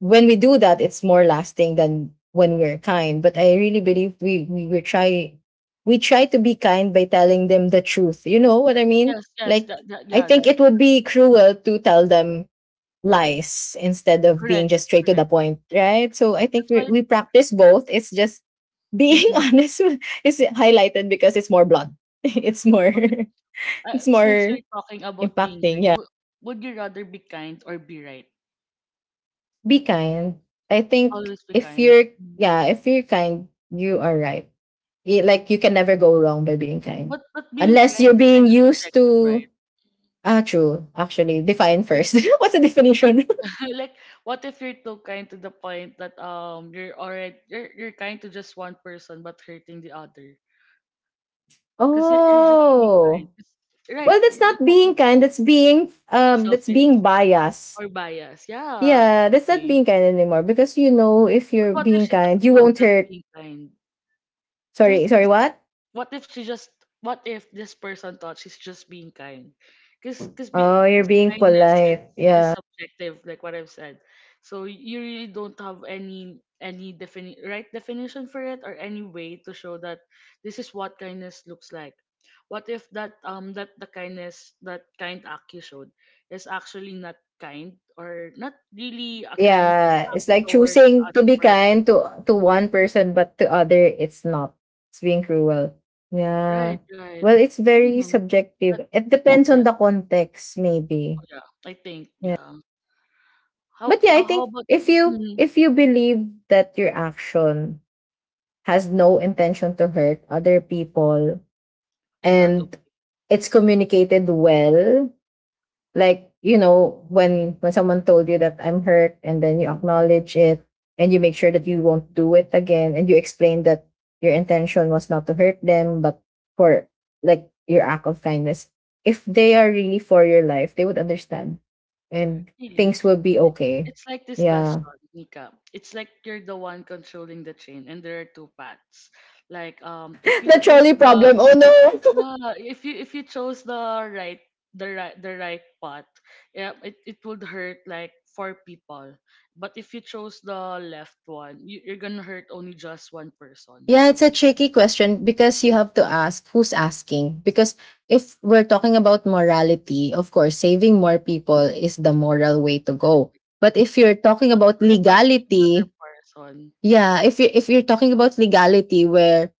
Speaker 2: when we do that, it's more lasting than when we're kind. But I really believe we try to be kind by telling them the truth. You know what I mean?
Speaker 1: Yes, yes,
Speaker 2: Like,
Speaker 1: that, that
Speaker 2: I
Speaker 1: yeah,
Speaker 2: think
Speaker 1: that
Speaker 2: it would be cruel to tell them lies instead of being
Speaker 1: correct,
Speaker 2: just straight to the
Speaker 1: correct.
Speaker 2: point, right? So I think
Speaker 1: That's
Speaker 2: we
Speaker 1: why.
Speaker 2: we practice both. It's just being
Speaker 1: Mm-hmm.
Speaker 2: honest is highlighted because it's more blood. It's more
Speaker 1: Okay,
Speaker 2: it's
Speaker 1: since
Speaker 2: more
Speaker 1: we're talking about being
Speaker 2: impacting,
Speaker 1: kind,
Speaker 2: yeah.
Speaker 1: would you rather be kind or be right?
Speaker 2: Be kind. I think
Speaker 1: Always be
Speaker 2: if
Speaker 1: kind.
Speaker 2: you're, yeah, if you're kind, you are right. Like you can never go wrong by being kind.
Speaker 1: But being
Speaker 2: Unless you're
Speaker 1: kind is
Speaker 2: being
Speaker 1: kind of
Speaker 2: used
Speaker 1: subjective,
Speaker 2: to,
Speaker 1: right?
Speaker 2: ah, true, actually. Define
Speaker 1: Like
Speaker 2: first. What's the
Speaker 1: like
Speaker 2: definition?
Speaker 1: like what if you're too kind to the point that you're already you're kind to just one person but hurting the other? Because you're just being kind.
Speaker 2: Oh.
Speaker 1: 'Cause, right?
Speaker 2: Well, that's not being kind, that's being
Speaker 1: Selfish
Speaker 2: biased.
Speaker 1: or biased? Yeah.
Speaker 2: Yeah, that's not
Speaker 1: Okay.
Speaker 2: being kind anymore, because you know if
Speaker 1: But
Speaker 2: you're
Speaker 1: what if
Speaker 2: being
Speaker 1: she thought
Speaker 2: kind,
Speaker 1: she
Speaker 2: you
Speaker 1: was
Speaker 2: won't
Speaker 1: just
Speaker 2: hurt.
Speaker 1: being kind? Because
Speaker 2: Sorry, sorry, what?
Speaker 1: what if she just what if this person thought she's just being kind? Because because be,
Speaker 2: Oh, you're
Speaker 1: 'cause
Speaker 2: being
Speaker 1: kindness is
Speaker 2: polite. Yeah.
Speaker 1: subjective, like what I've said. So you really don't have any right definition for it or any way to show that this is what kindness looks like. What if that that the kindness, that kind act you showed, is actually not kind or not really a kind
Speaker 2: Yeah, it's like
Speaker 1: towards
Speaker 2: choosing to
Speaker 1: other
Speaker 2: be
Speaker 1: person?
Speaker 2: kind to one person, but to other, it's not. It's being cruel. Yeah.
Speaker 1: Right, right.
Speaker 2: Well, it's
Speaker 1: I don't
Speaker 2: very
Speaker 1: know.
Speaker 2: subjective. It depends
Speaker 1: That,
Speaker 2: on the context, maybe.
Speaker 1: Yeah, I think
Speaker 2: Yeah.
Speaker 1: yeah.
Speaker 2: But yeah, I
Speaker 1: How
Speaker 2: think
Speaker 1: about
Speaker 2: if you believe that your action has no intention to hurt other people,
Speaker 1: is that
Speaker 2: and it's communicated well, like you know when someone told you that I'm hurt and then you acknowledge it, and you make sure that you won't do it again, and you explain that your intention was not to hurt them, but for, like, your act of kindness, if they are really for your life, they would understand, and
Speaker 1: really?
Speaker 2: things will be
Speaker 1: It's,
Speaker 2: okay.
Speaker 1: it's like this
Speaker 2: Yeah.
Speaker 1: question, Nika. It's like you're the one controlling the train, and there are two paths. Like if you
Speaker 2: The
Speaker 1: chose
Speaker 2: trolley
Speaker 1: the,
Speaker 2: problem, oh no.
Speaker 1: yeah, if you chose the the right path, yeah, it would hurt like four people. But if you chose the left one, you're gonna hurt only just one person,
Speaker 2: Yeah, it's a tricky question because you have to ask who's asking. Because if we're talking about morality, of course, saving more people is the moral way to go. But if you're talking
Speaker 1: not
Speaker 2: about
Speaker 1: sacrificing another
Speaker 2: legality,
Speaker 1: person.
Speaker 2: yeah, if you if you're talking about legality where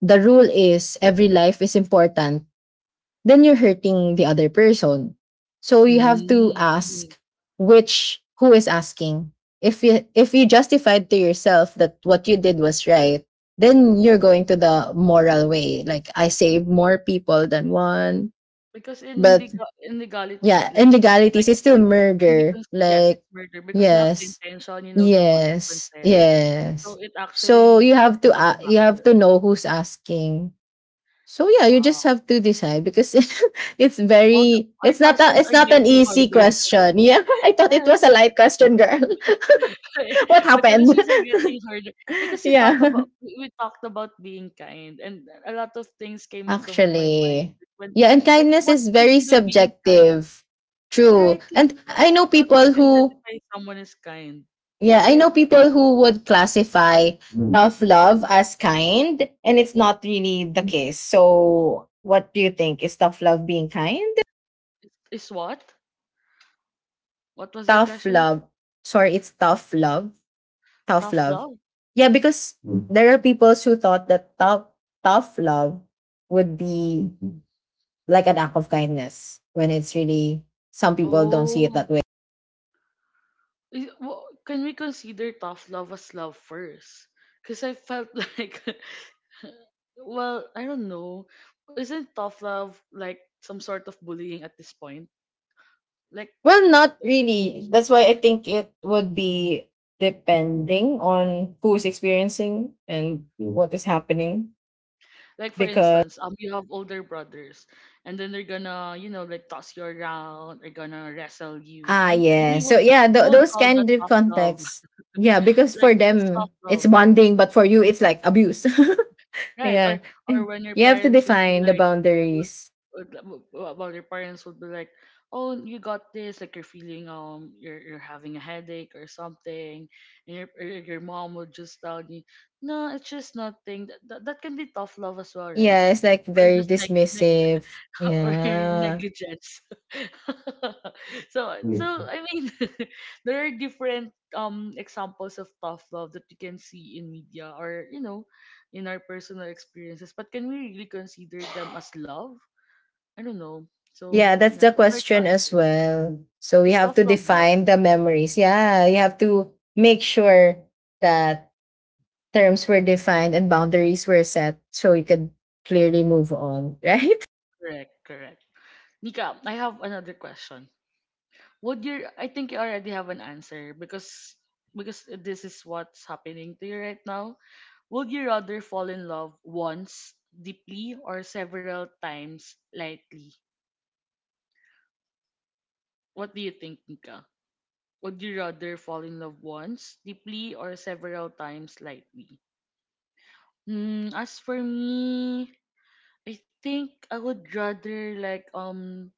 Speaker 2: the rule is every life is important, then you're hurting the other person. So you have to
Speaker 1: Mm-hmm. Mm-hmm.
Speaker 2: ask which who is asking. If you justified to yourself that what you did was right, then you're going to the moral way. Like I saved more people than one.
Speaker 1: Because in
Speaker 2: But
Speaker 1: legality,
Speaker 2: yeah,
Speaker 1: like
Speaker 2: in
Speaker 1: like
Speaker 2: legalities, it's still
Speaker 1: it can be
Speaker 2: murder.
Speaker 1: yes, it's
Speaker 2: Like,
Speaker 1: murder because you have the
Speaker 2: yes,
Speaker 1: intention, you know, the
Speaker 2: yes,
Speaker 1: consequences. So
Speaker 2: yes.
Speaker 1: it
Speaker 2: So
Speaker 1: actually checked all the
Speaker 2: you have
Speaker 1: boxes.
Speaker 2: to know who's asking. So yeah, you
Speaker 1: Wow.
Speaker 2: just have to decide because it's
Speaker 1: Well, the,
Speaker 2: very
Speaker 1: our questions are
Speaker 2: it's not an
Speaker 1: getting
Speaker 2: easy
Speaker 1: harder.
Speaker 2: question. Yeah, I thought it
Speaker 1: Yes,
Speaker 2: was a
Speaker 1: I-
Speaker 2: light question, girl. What
Speaker 1: the
Speaker 2: happened?
Speaker 1: questions are getting harder because
Speaker 2: Yeah.
Speaker 1: we talked about being kind, and a lot of things came into my mind
Speaker 2: Actually.
Speaker 1: when,
Speaker 2: Yeah, and
Speaker 1: like, what
Speaker 2: kindness
Speaker 1: do
Speaker 2: is
Speaker 1: you mean
Speaker 2: very
Speaker 1: by being kind,
Speaker 2: subjective.
Speaker 1: right?
Speaker 2: True. And I
Speaker 1: Because
Speaker 2: know
Speaker 1: how can
Speaker 2: people
Speaker 1: you
Speaker 2: who,
Speaker 1: identify someone is kind?
Speaker 2: yeah, I
Speaker 1: Right?
Speaker 2: know people who would classify tough love as kind, and it's not really the case. So what do you think? Is tough love being kind?
Speaker 1: Is what? What was your
Speaker 2: Tough
Speaker 1: question?
Speaker 2: love. Sorry, it's tough love. Tough
Speaker 1: Tough
Speaker 2: love.
Speaker 1: love?
Speaker 2: Yeah, because there are people who thought that tough love would be like an act of kindness, when it's really, some people don't see it
Speaker 1: Oh,
Speaker 2: that way.
Speaker 1: well, can we consider tough love as love first? Because I felt like, well, I don't know. Isn't tough love like some sort of bullying at this point? Like,
Speaker 2: Well, not really. That's why I think it would be depending on who's experiencing and what is happening,
Speaker 1: like for
Speaker 2: because
Speaker 1: instance, you have older brothers, and then they're gonna, you know, like toss you around, they're gonna wrestle you,
Speaker 2: ah
Speaker 1: and we
Speaker 2: yeah.
Speaker 1: would,
Speaker 2: So yeah,
Speaker 1: we would
Speaker 2: those
Speaker 1: call that
Speaker 2: kind of
Speaker 1: tough love.
Speaker 2: contexts. Yeah, because
Speaker 1: Like,
Speaker 2: for
Speaker 1: that's tough
Speaker 2: them it's
Speaker 1: love.
Speaker 2: bonding, but for you it's like abuse.
Speaker 1: Right,
Speaker 2: Yeah.
Speaker 1: or when your
Speaker 2: You have to
Speaker 1: parents would be
Speaker 2: define the
Speaker 1: like, would,
Speaker 2: boundaries.
Speaker 1: would, would- well, your parents would be like, "Oh, you got this!" Like you're feeling you're having a headache or something, and your or your your mom would just tell you, "No, it's just nothing." That can be tough love as well, right?
Speaker 2: Yeah, it's like
Speaker 1: Or
Speaker 2: very
Speaker 1: just like,
Speaker 2: dismissive.
Speaker 1: or
Speaker 2: Yeah.
Speaker 1: negligence. So so I mean there are different examples of tough love that you can see in media, or you know, in our personal experiences, but can we really consider them as love? I don't know. So
Speaker 2: Yeah, that's
Speaker 1: yeah,
Speaker 2: the
Speaker 1: it's hard to
Speaker 2: question as
Speaker 1: answer.
Speaker 2: well. So we
Speaker 1: It's
Speaker 2: have to
Speaker 1: tough love love.
Speaker 2: define the memories. Yeah, you have to make sure that terms were defined and boundaries were set so you could clearly move on, right?
Speaker 1: Correct, correct. Nika, I have another question. Would your I think you already have an answer because this is what's happening to you right now. Would you rather fall in love once deeply or several times lightly? What do you think, Nika? Would you rather fall in love once deeply or several times lightly? Hmm, as for me, I think I would rather like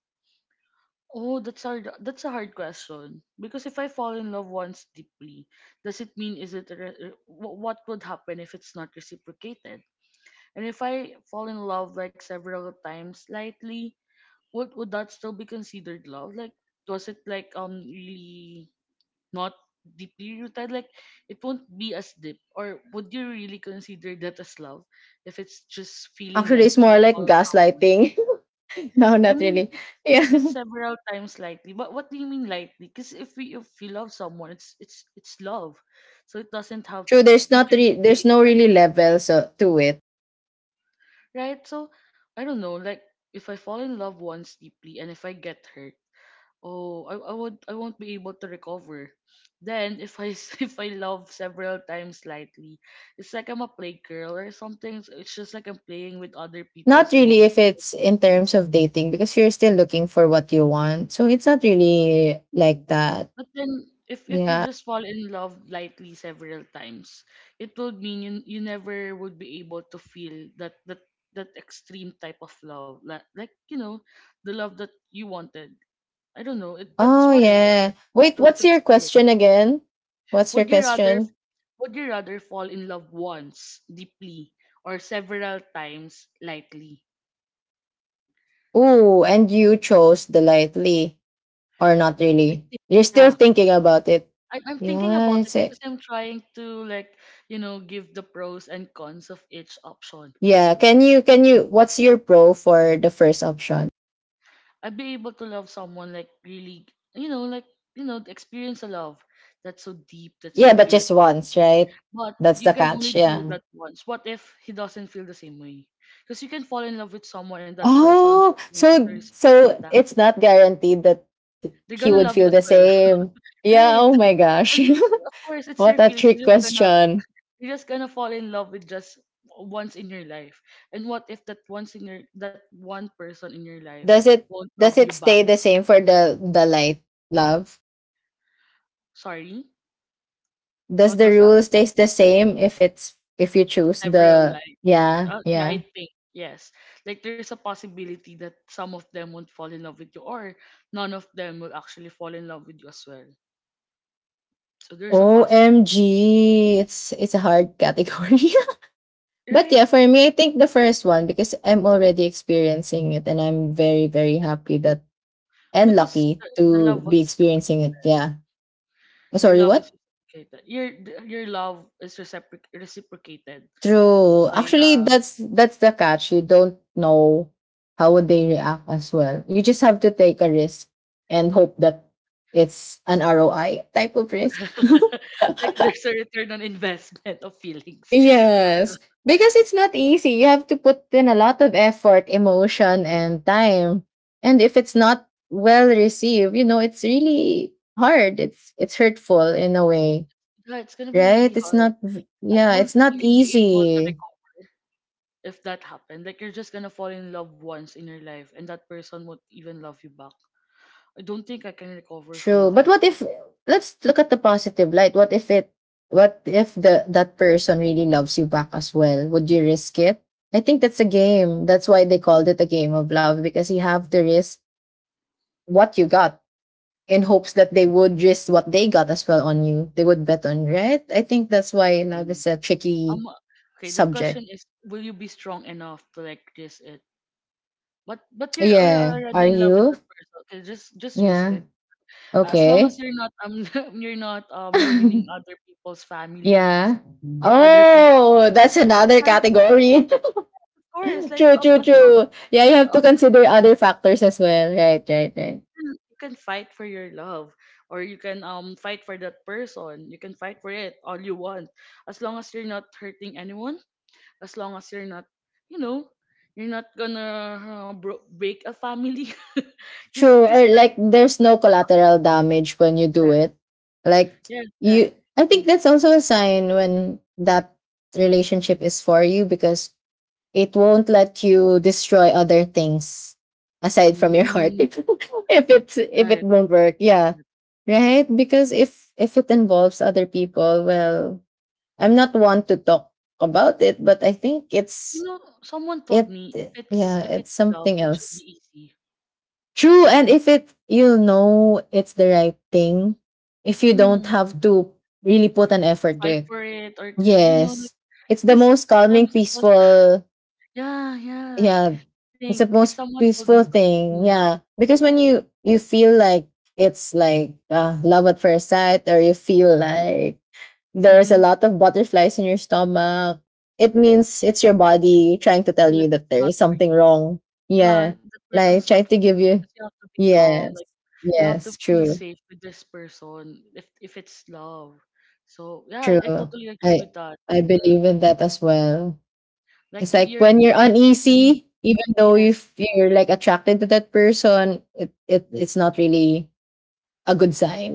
Speaker 1: oh, that's hard, that's a hard question. Because if I fall in love once deeply, does it mean is it a re- re- wh- what would happen if it's not reciprocated? And if I fall in love like several times lightly, would that still be considered love? Like, was it like really not deeply rooted? Like, it won't be as deep. Or would you really consider that as love if it's just feeling
Speaker 2: Actually, it's
Speaker 1: lightly
Speaker 2: more like
Speaker 1: about someone?
Speaker 2: gaslighting. No,
Speaker 1: I
Speaker 2: not
Speaker 1: mean, if
Speaker 2: really.
Speaker 1: it's,
Speaker 2: Yeah.
Speaker 1: if it's several times lightly, but what do you mean lightly? Because if we, if we love someone, it's it's love, so it doesn't have,
Speaker 2: True, there's
Speaker 1: you
Speaker 2: not
Speaker 1: can
Speaker 2: re-
Speaker 1: say
Speaker 2: there's
Speaker 1: it's
Speaker 2: no really
Speaker 1: lightly,
Speaker 2: level so to it.
Speaker 1: right? So I don't know, like. If I fall in love once deeply and if I get hurt, oh, I won't, I won't be able to recover. Then if if I love several times lightly, it's like I'm a play girl or something. So it's just like I'm playing with other
Speaker 2: Not
Speaker 1: people's
Speaker 2: really,
Speaker 1: emotions
Speaker 2: if
Speaker 1: and
Speaker 2: it's in
Speaker 1: feelings.
Speaker 2: terms of dating, because you're still looking for what you want. So it's not really like that.
Speaker 1: But then if you
Speaker 2: Yeah.
Speaker 1: just fall in love lightly several times, it would mean you never would be able to feel that extreme type of love, like, you know, the love that you wanted. I don't know. It That's
Speaker 2: Oh,
Speaker 1: what I
Speaker 2: yeah.
Speaker 1: wanted
Speaker 2: Wait, what's
Speaker 1: to
Speaker 2: your
Speaker 1: experience.
Speaker 2: question again? What's your
Speaker 1: Would you rather
Speaker 2: question?
Speaker 1: would you rather fall in love once deeply or several times lightly?
Speaker 2: Ooh, and you chose the lightly, or not
Speaker 1: I
Speaker 2: really.
Speaker 1: think
Speaker 2: You're still
Speaker 1: yeah.
Speaker 2: thinking about it.
Speaker 1: I'm thinking
Speaker 2: Yeah,
Speaker 1: about it
Speaker 2: it's it.
Speaker 1: because I'm trying to, like, you know, give the pros and cons of each option.
Speaker 2: Yeah, can you what's your pro for the first option?
Speaker 1: I'd be able to love someone like really, you know, like, you know, experience a love that's so deep, that's
Speaker 2: Yeah,
Speaker 1: so
Speaker 2: but
Speaker 1: pure.
Speaker 2: just once, right?
Speaker 1: But
Speaker 2: That's
Speaker 1: you
Speaker 2: the
Speaker 1: can only
Speaker 2: catch.
Speaker 1: do
Speaker 2: Yeah.
Speaker 1: that once. What if he doesn't feel the same way? Because you can fall in love with someone and that person
Speaker 2: Oh,
Speaker 1: won't be able to
Speaker 2: so
Speaker 1: reciprocate
Speaker 2: so
Speaker 1: that
Speaker 2: it's not guaranteed that
Speaker 1: they're
Speaker 2: he
Speaker 1: gonna
Speaker 2: would
Speaker 1: love you
Speaker 2: feel
Speaker 1: as
Speaker 2: the
Speaker 1: well.
Speaker 2: same. Yeah,
Speaker 1: Right.
Speaker 2: oh my
Speaker 1: I
Speaker 2: gosh.
Speaker 1: mean, of course, it's
Speaker 2: What
Speaker 1: their
Speaker 2: a
Speaker 1: feelings.
Speaker 2: trick question.
Speaker 1: You're just gonna fall in love with just once in your life. And what if that once in your that one person in your life
Speaker 2: Does it
Speaker 1: won't
Speaker 2: does
Speaker 1: love you
Speaker 2: it
Speaker 1: back?
Speaker 2: stay the same for the light love?
Speaker 1: Sorry?
Speaker 2: Does
Speaker 1: What
Speaker 2: the
Speaker 1: was that?
Speaker 2: rule stays the same if it's if you choose
Speaker 1: Several,
Speaker 2: the,
Speaker 1: like,
Speaker 2: yeah,
Speaker 1: yeah,
Speaker 2: yeah.
Speaker 1: I think. Yes. Like there's a possibility that some of them won't fall in love with you, or none of them will actually fall in love with you as well. So there's a possibility.
Speaker 2: OMG, it's a hard category. But
Speaker 1: Right?
Speaker 2: yeah, for me I think the first one, because I'm already experiencing it and I'm very very happy that and
Speaker 1: Because
Speaker 2: lucky
Speaker 1: the
Speaker 2: to
Speaker 1: love was
Speaker 2: be experiencing
Speaker 1: reciprocated.
Speaker 2: it. Yeah. Oh,
Speaker 1: Your
Speaker 2: sorry,
Speaker 1: love
Speaker 2: what?
Speaker 1: is reciprocated. Your love is reciprocated. That's
Speaker 2: True.
Speaker 1: why
Speaker 2: Actually, that's the catch. You don't know how would they react as well. You just have to take a risk and hope that it's an ROI type of risk.
Speaker 1: like there's a return on investment of feelings.
Speaker 2: Yes. Because it's not easy. You have to put in a lot of effort, emotion, and time. And if it's not well received, you know, it's really hard. It's hurtful in a way.
Speaker 1: Yeah, it's gonna be
Speaker 2: Right?
Speaker 1: really
Speaker 2: It's
Speaker 1: hard.
Speaker 2: not v- yeah,
Speaker 1: Will
Speaker 2: it's not
Speaker 1: will you be able to
Speaker 2: easy.
Speaker 1: recover if that happened? Like you're just gonna fall in love once in your life, and that person won't even love you back. I don't think I can recover
Speaker 2: True.
Speaker 1: from
Speaker 2: But
Speaker 1: that
Speaker 2: what if, let's look at the positive light. What if it, what if the that person really loves you back as well? Would you risk it? I think that's a game. That's why they called it a game of love, because you have to risk what you got in hopes that they would risk what they got as well on you. They would bet on, you, right? I think that's why love is
Speaker 1: thing.
Speaker 2: a tricky
Speaker 1: Um, okay. The
Speaker 2: subject.
Speaker 1: question is, will you be strong enough to like resist it? But you're
Speaker 2: Yeah. Are
Speaker 1: already in love with
Speaker 2: you?
Speaker 1: that person. Okay, just risk
Speaker 2: Yeah.
Speaker 1: it. As long as
Speaker 2: Okay.
Speaker 1: you're not you're not ruining other people's families
Speaker 2: Yeah.
Speaker 1: or other people.
Speaker 2: Oh, that's another
Speaker 1: Right,
Speaker 2: category.
Speaker 1: of course, like,
Speaker 2: True, true,
Speaker 1: as long,
Speaker 2: true. Yeah, you
Speaker 1: like,
Speaker 2: have to
Speaker 1: of course,
Speaker 2: consider other factors as well. Right, right, right.
Speaker 1: you can fight for your love or you can fight for that person, you can fight for it all you want, as long as you're not hurting anyone, as long as you're not, you know, you're not gonna break a family. because
Speaker 2: True.
Speaker 1: because
Speaker 2: Or
Speaker 1: that's,
Speaker 2: like there's no collateral damage when you do
Speaker 1: yes,
Speaker 2: it. Like,
Speaker 1: yes,
Speaker 2: you,
Speaker 1: right.
Speaker 2: I think
Speaker 1: Mm,
Speaker 2: that's also a sign when that relationship is for you, because it won't let you destroy other things aside from your heart
Speaker 1: mm,
Speaker 2: if it's if it
Speaker 1: right.
Speaker 2: won't work. Yeah, right. Because if it involves other people, well, I'm not one to talk about it, but I think
Speaker 1: You
Speaker 2: it's
Speaker 1: know, someone told
Speaker 2: it
Speaker 1: me if it's,
Speaker 2: yeah,
Speaker 1: if
Speaker 2: it's
Speaker 1: it's love,
Speaker 2: something
Speaker 1: it should be
Speaker 2: else.
Speaker 1: easy.
Speaker 2: True, and if it, you'll know it's the right thing if you don't
Speaker 1: Mm,
Speaker 2: have to really put an
Speaker 1: to
Speaker 2: effort to
Speaker 1: fight
Speaker 2: it.
Speaker 1: for it or you know, like,
Speaker 2: Yes. It's the
Speaker 1: because
Speaker 2: most calming,
Speaker 1: sometimes it was
Speaker 2: peaceful,
Speaker 1: yeah, yeah. I
Speaker 2: yeah. It's
Speaker 1: think
Speaker 2: the
Speaker 1: if
Speaker 2: most
Speaker 1: someone told me
Speaker 2: peaceful
Speaker 1: to,
Speaker 2: thing.
Speaker 1: mm,
Speaker 2: Yeah. Because when you feel like it's like love at first sight, or you feel like there's a
Speaker 1: mm-hmm,
Speaker 2: lot of butterflies in your stomach, it means it's your
Speaker 1: it's,
Speaker 2: body trying to tell
Speaker 1: yes,
Speaker 2: you that
Speaker 1: it's
Speaker 2: there
Speaker 1: not
Speaker 2: is
Speaker 1: for
Speaker 2: something
Speaker 1: you.
Speaker 2: wrong.
Speaker 1: Ah,
Speaker 2: Yeah.
Speaker 1: that person's
Speaker 2: Like
Speaker 1: not
Speaker 2: trying
Speaker 1: for
Speaker 2: to
Speaker 1: you
Speaker 2: give
Speaker 1: because
Speaker 2: you,
Speaker 1: you have to be calm,
Speaker 2: yes.
Speaker 1: like, you have to
Speaker 2: Yes,
Speaker 1: feel
Speaker 2: true.
Speaker 1: safe with this person if it's love. So yeah,
Speaker 2: True.
Speaker 1: I totally agree
Speaker 2: I
Speaker 1: with that.
Speaker 2: I believe in that as well.
Speaker 1: Like
Speaker 2: It's like when you're
Speaker 1: you're mhm,
Speaker 2: uneasy, even though
Speaker 1: yes,
Speaker 2: you're like attracted to that person, it's not really a good sign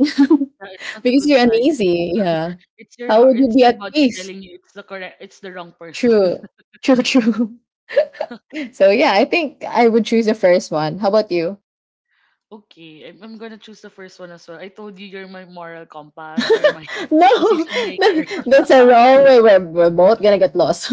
Speaker 1: yeah, it's not a
Speaker 2: because
Speaker 1: good
Speaker 2: you're
Speaker 1: sign.
Speaker 2: uneasy. Yeah.
Speaker 1: It's your
Speaker 2: How
Speaker 1: heart,
Speaker 2: would you
Speaker 1: it's
Speaker 2: be
Speaker 1: your
Speaker 2: at
Speaker 1: body
Speaker 2: peace?
Speaker 1: telling you it's the it's the wrong person.
Speaker 2: True. True, true. So yeah, I think I would choose the first one. How about you?
Speaker 1: Okay, I'm gonna choose the first one as well. I told you you're my moral compass, you're my
Speaker 2: No,
Speaker 1: decision maker.
Speaker 2: that's a wrong way. We're both gonna get lost.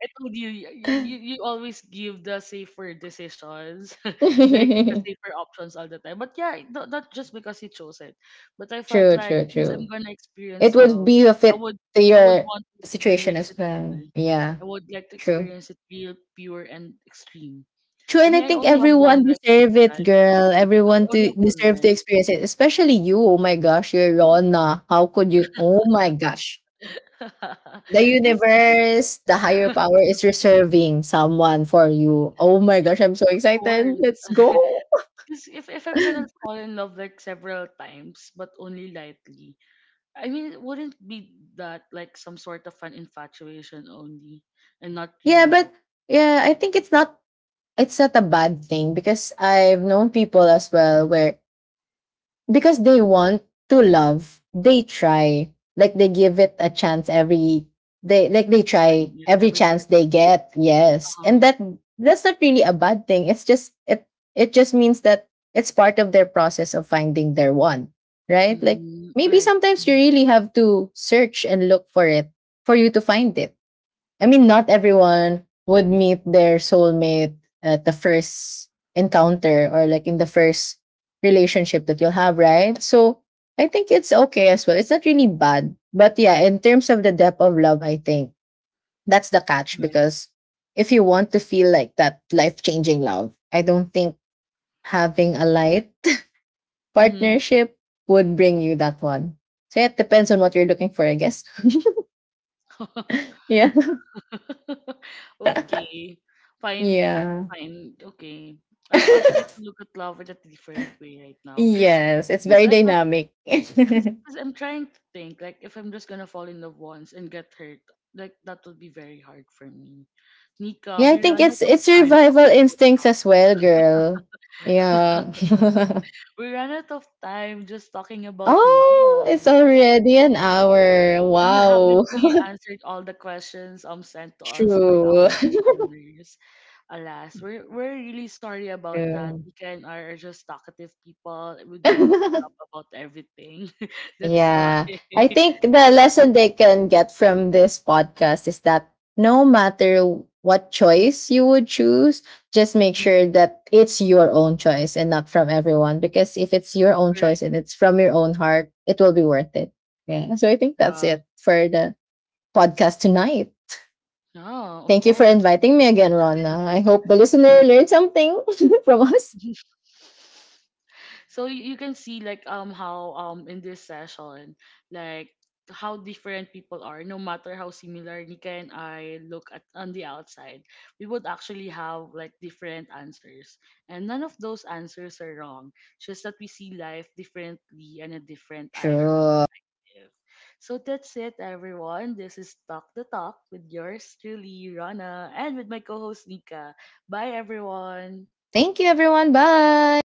Speaker 1: I told you, you always give the safer decisions, like the
Speaker 2: True,
Speaker 1: safer options all the time. But yeah, not just because you chose it, but I felt
Speaker 2: true,
Speaker 1: like since I'm
Speaker 2: true.
Speaker 1: gonna experience
Speaker 2: It would
Speaker 1: love,
Speaker 2: be a
Speaker 1: I
Speaker 2: fit
Speaker 1: would
Speaker 2: to
Speaker 1: I would
Speaker 2: your
Speaker 1: want to
Speaker 2: situation
Speaker 1: experience it
Speaker 2: as well.
Speaker 1: real.
Speaker 2: Yeah,
Speaker 1: I would like to
Speaker 2: true.
Speaker 1: experience it real, pure, and extreme.
Speaker 2: True,
Speaker 1: I mean,
Speaker 2: and I
Speaker 1: I
Speaker 2: think
Speaker 1: only have one
Speaker 2: everyone
Speaker 1: life in this
Speaker 2: deserve
Speaker 1: life.
Speaker 2: it, girl. Everyone
Speaker 1: I only
Speaker 2: to
Speaker 1: have one
Speaker 2: deserve
Speaker 1: life.
Speaker 2: to experience it, especially you. Oh my gosh, you're Rona. How could you? Oh my gosh. The
Speaker 1: Because,
Speaker 2: universe, the higher
Speaker 1: of
Speaker 2: power is reserving someone for you. Oh my gosh, I'm so
Speaker 1: course.
Speaker 2: excited. Let's go.
Speaker 1: Because if I'm gonna fall in love like several times, but only lightly, I mean, it wouldn't be that, like, some sort of an infatuation only and not
Speaker 2: Yeah,
Speaker 1: really
Speaker 2: but
Speaker 1: love
Speaker 2: yeah, I think it's not, it's not a bad thing, because I've known people as well where because they want to love, they try. Like they give it a chance every, they like they
Speaker 1: every time,
Speaker 2: try
Speaker 1: yeah,
Speaker 2: every
Speaker 1: every
Speaker 2: chance they
Speaker 1: person.
Speaker 2: get. Yes. And
Speaker 1: Uh-huh.
Speaker 2: that that's not really a bad thing. It's just it just means that it's part of their process of finding their one, right? Like
Speaker 1: Mm,
Speaker 2: maybe
Speaker 1: right.
Speaker 2: sometimes you
Speaker 1: Mm,
Speaker 2: really have to search and look for it for you to find it. I mean, not everyone would meet their soulmate at the first encounter, or like in the first relationship that you'll have, right? So I think it's okay as well. It's not really bad. But yeah, in terms of the depth of love, I think that's the catch,
Speaker 1: right.
Speaker 2: because if you want to feel like that life changing love, I don't think having a light
Speaker 1: Mm-hmm.
Speaker 2: partnership would bring you that one. So yeah, it depends on what you're looking for, I guess. Yeah.
Speaker 1: Okay. Fine.
Speaker 2: Yeah.
Speaker 1: Fine. Okay. I'll try to look at love in a different way right now. Cause,
Speaker 2: Yes, it's
Speaker 1: cause
Speaker 2: very
Speaker 1: I've not,
Speaker 2: dynamic.
Speaker 1: cause,
Speaker 2: Yeah,
Speaker 1: 'cause I'm trying to think like if I'm just gonna fall in love once and get hurt, like that would be very hard for me. Nika,
Speaker 2: I
Speaker 1: we
Speaker 2: think
Speaker 1: run out of
Speaker 2: it's
Speaker 1: time
Speaker 2: survival
Speaker 1: talking about
Speaker 2: instincts
Speaker 1: love.
Speaker 2: as well, girl. Yeah.
Speaker 1: We ran out of time just talking about
Speaker 2: Oh,
Speaker 1: love.
Speaker 2: it's already an hour.
Speaker 1: And you haven't
Speaker 2: Wow.
Speaker 1: really answered all the questions sent to us by our
Speaker 2: True.
Speaker 1: listeners. Alas, we're really sorry about that. We
Speaker 2: True.
Speaker 1: can are just talkative people. We'd love to talk about everything. That's why.
Speaker 2: Yeah. I think the lesson they can get from this podcast is that no matter what choice you would choose, just make
Speaker 1: Mm,
Speaker 2: sure that it's your own choice and not from everyone. Because if it's your own
Speaker 1: correct.
Speaker 2: choice and it's from your own heart, it will be worth it. Yeah. So I think that's
Speaker 1: Uh,
Speaker 2: it for the podcast tonight.
Speaker 1: no, of
Speaker 2: Thank you for
Speaker 1: course.
Speaker 2: inviting me again, Rona. I hope the listener learned something from us.
Speaker 1: So you can see like how in this session, like, how different people are. No matter how similar Nika and I look at on the outside, we would actually have like different answers, and none of those answers are wrong. It's just that we see life differently and a different eye or
Speaker 2: Sure.
Speaker 1: perspective. So that's it, everyone, this is Talk the Talk with yours truly Rana and with my co-host Nika. Bye, everyone.
Speaker 2: Thank you, everyone. Bye.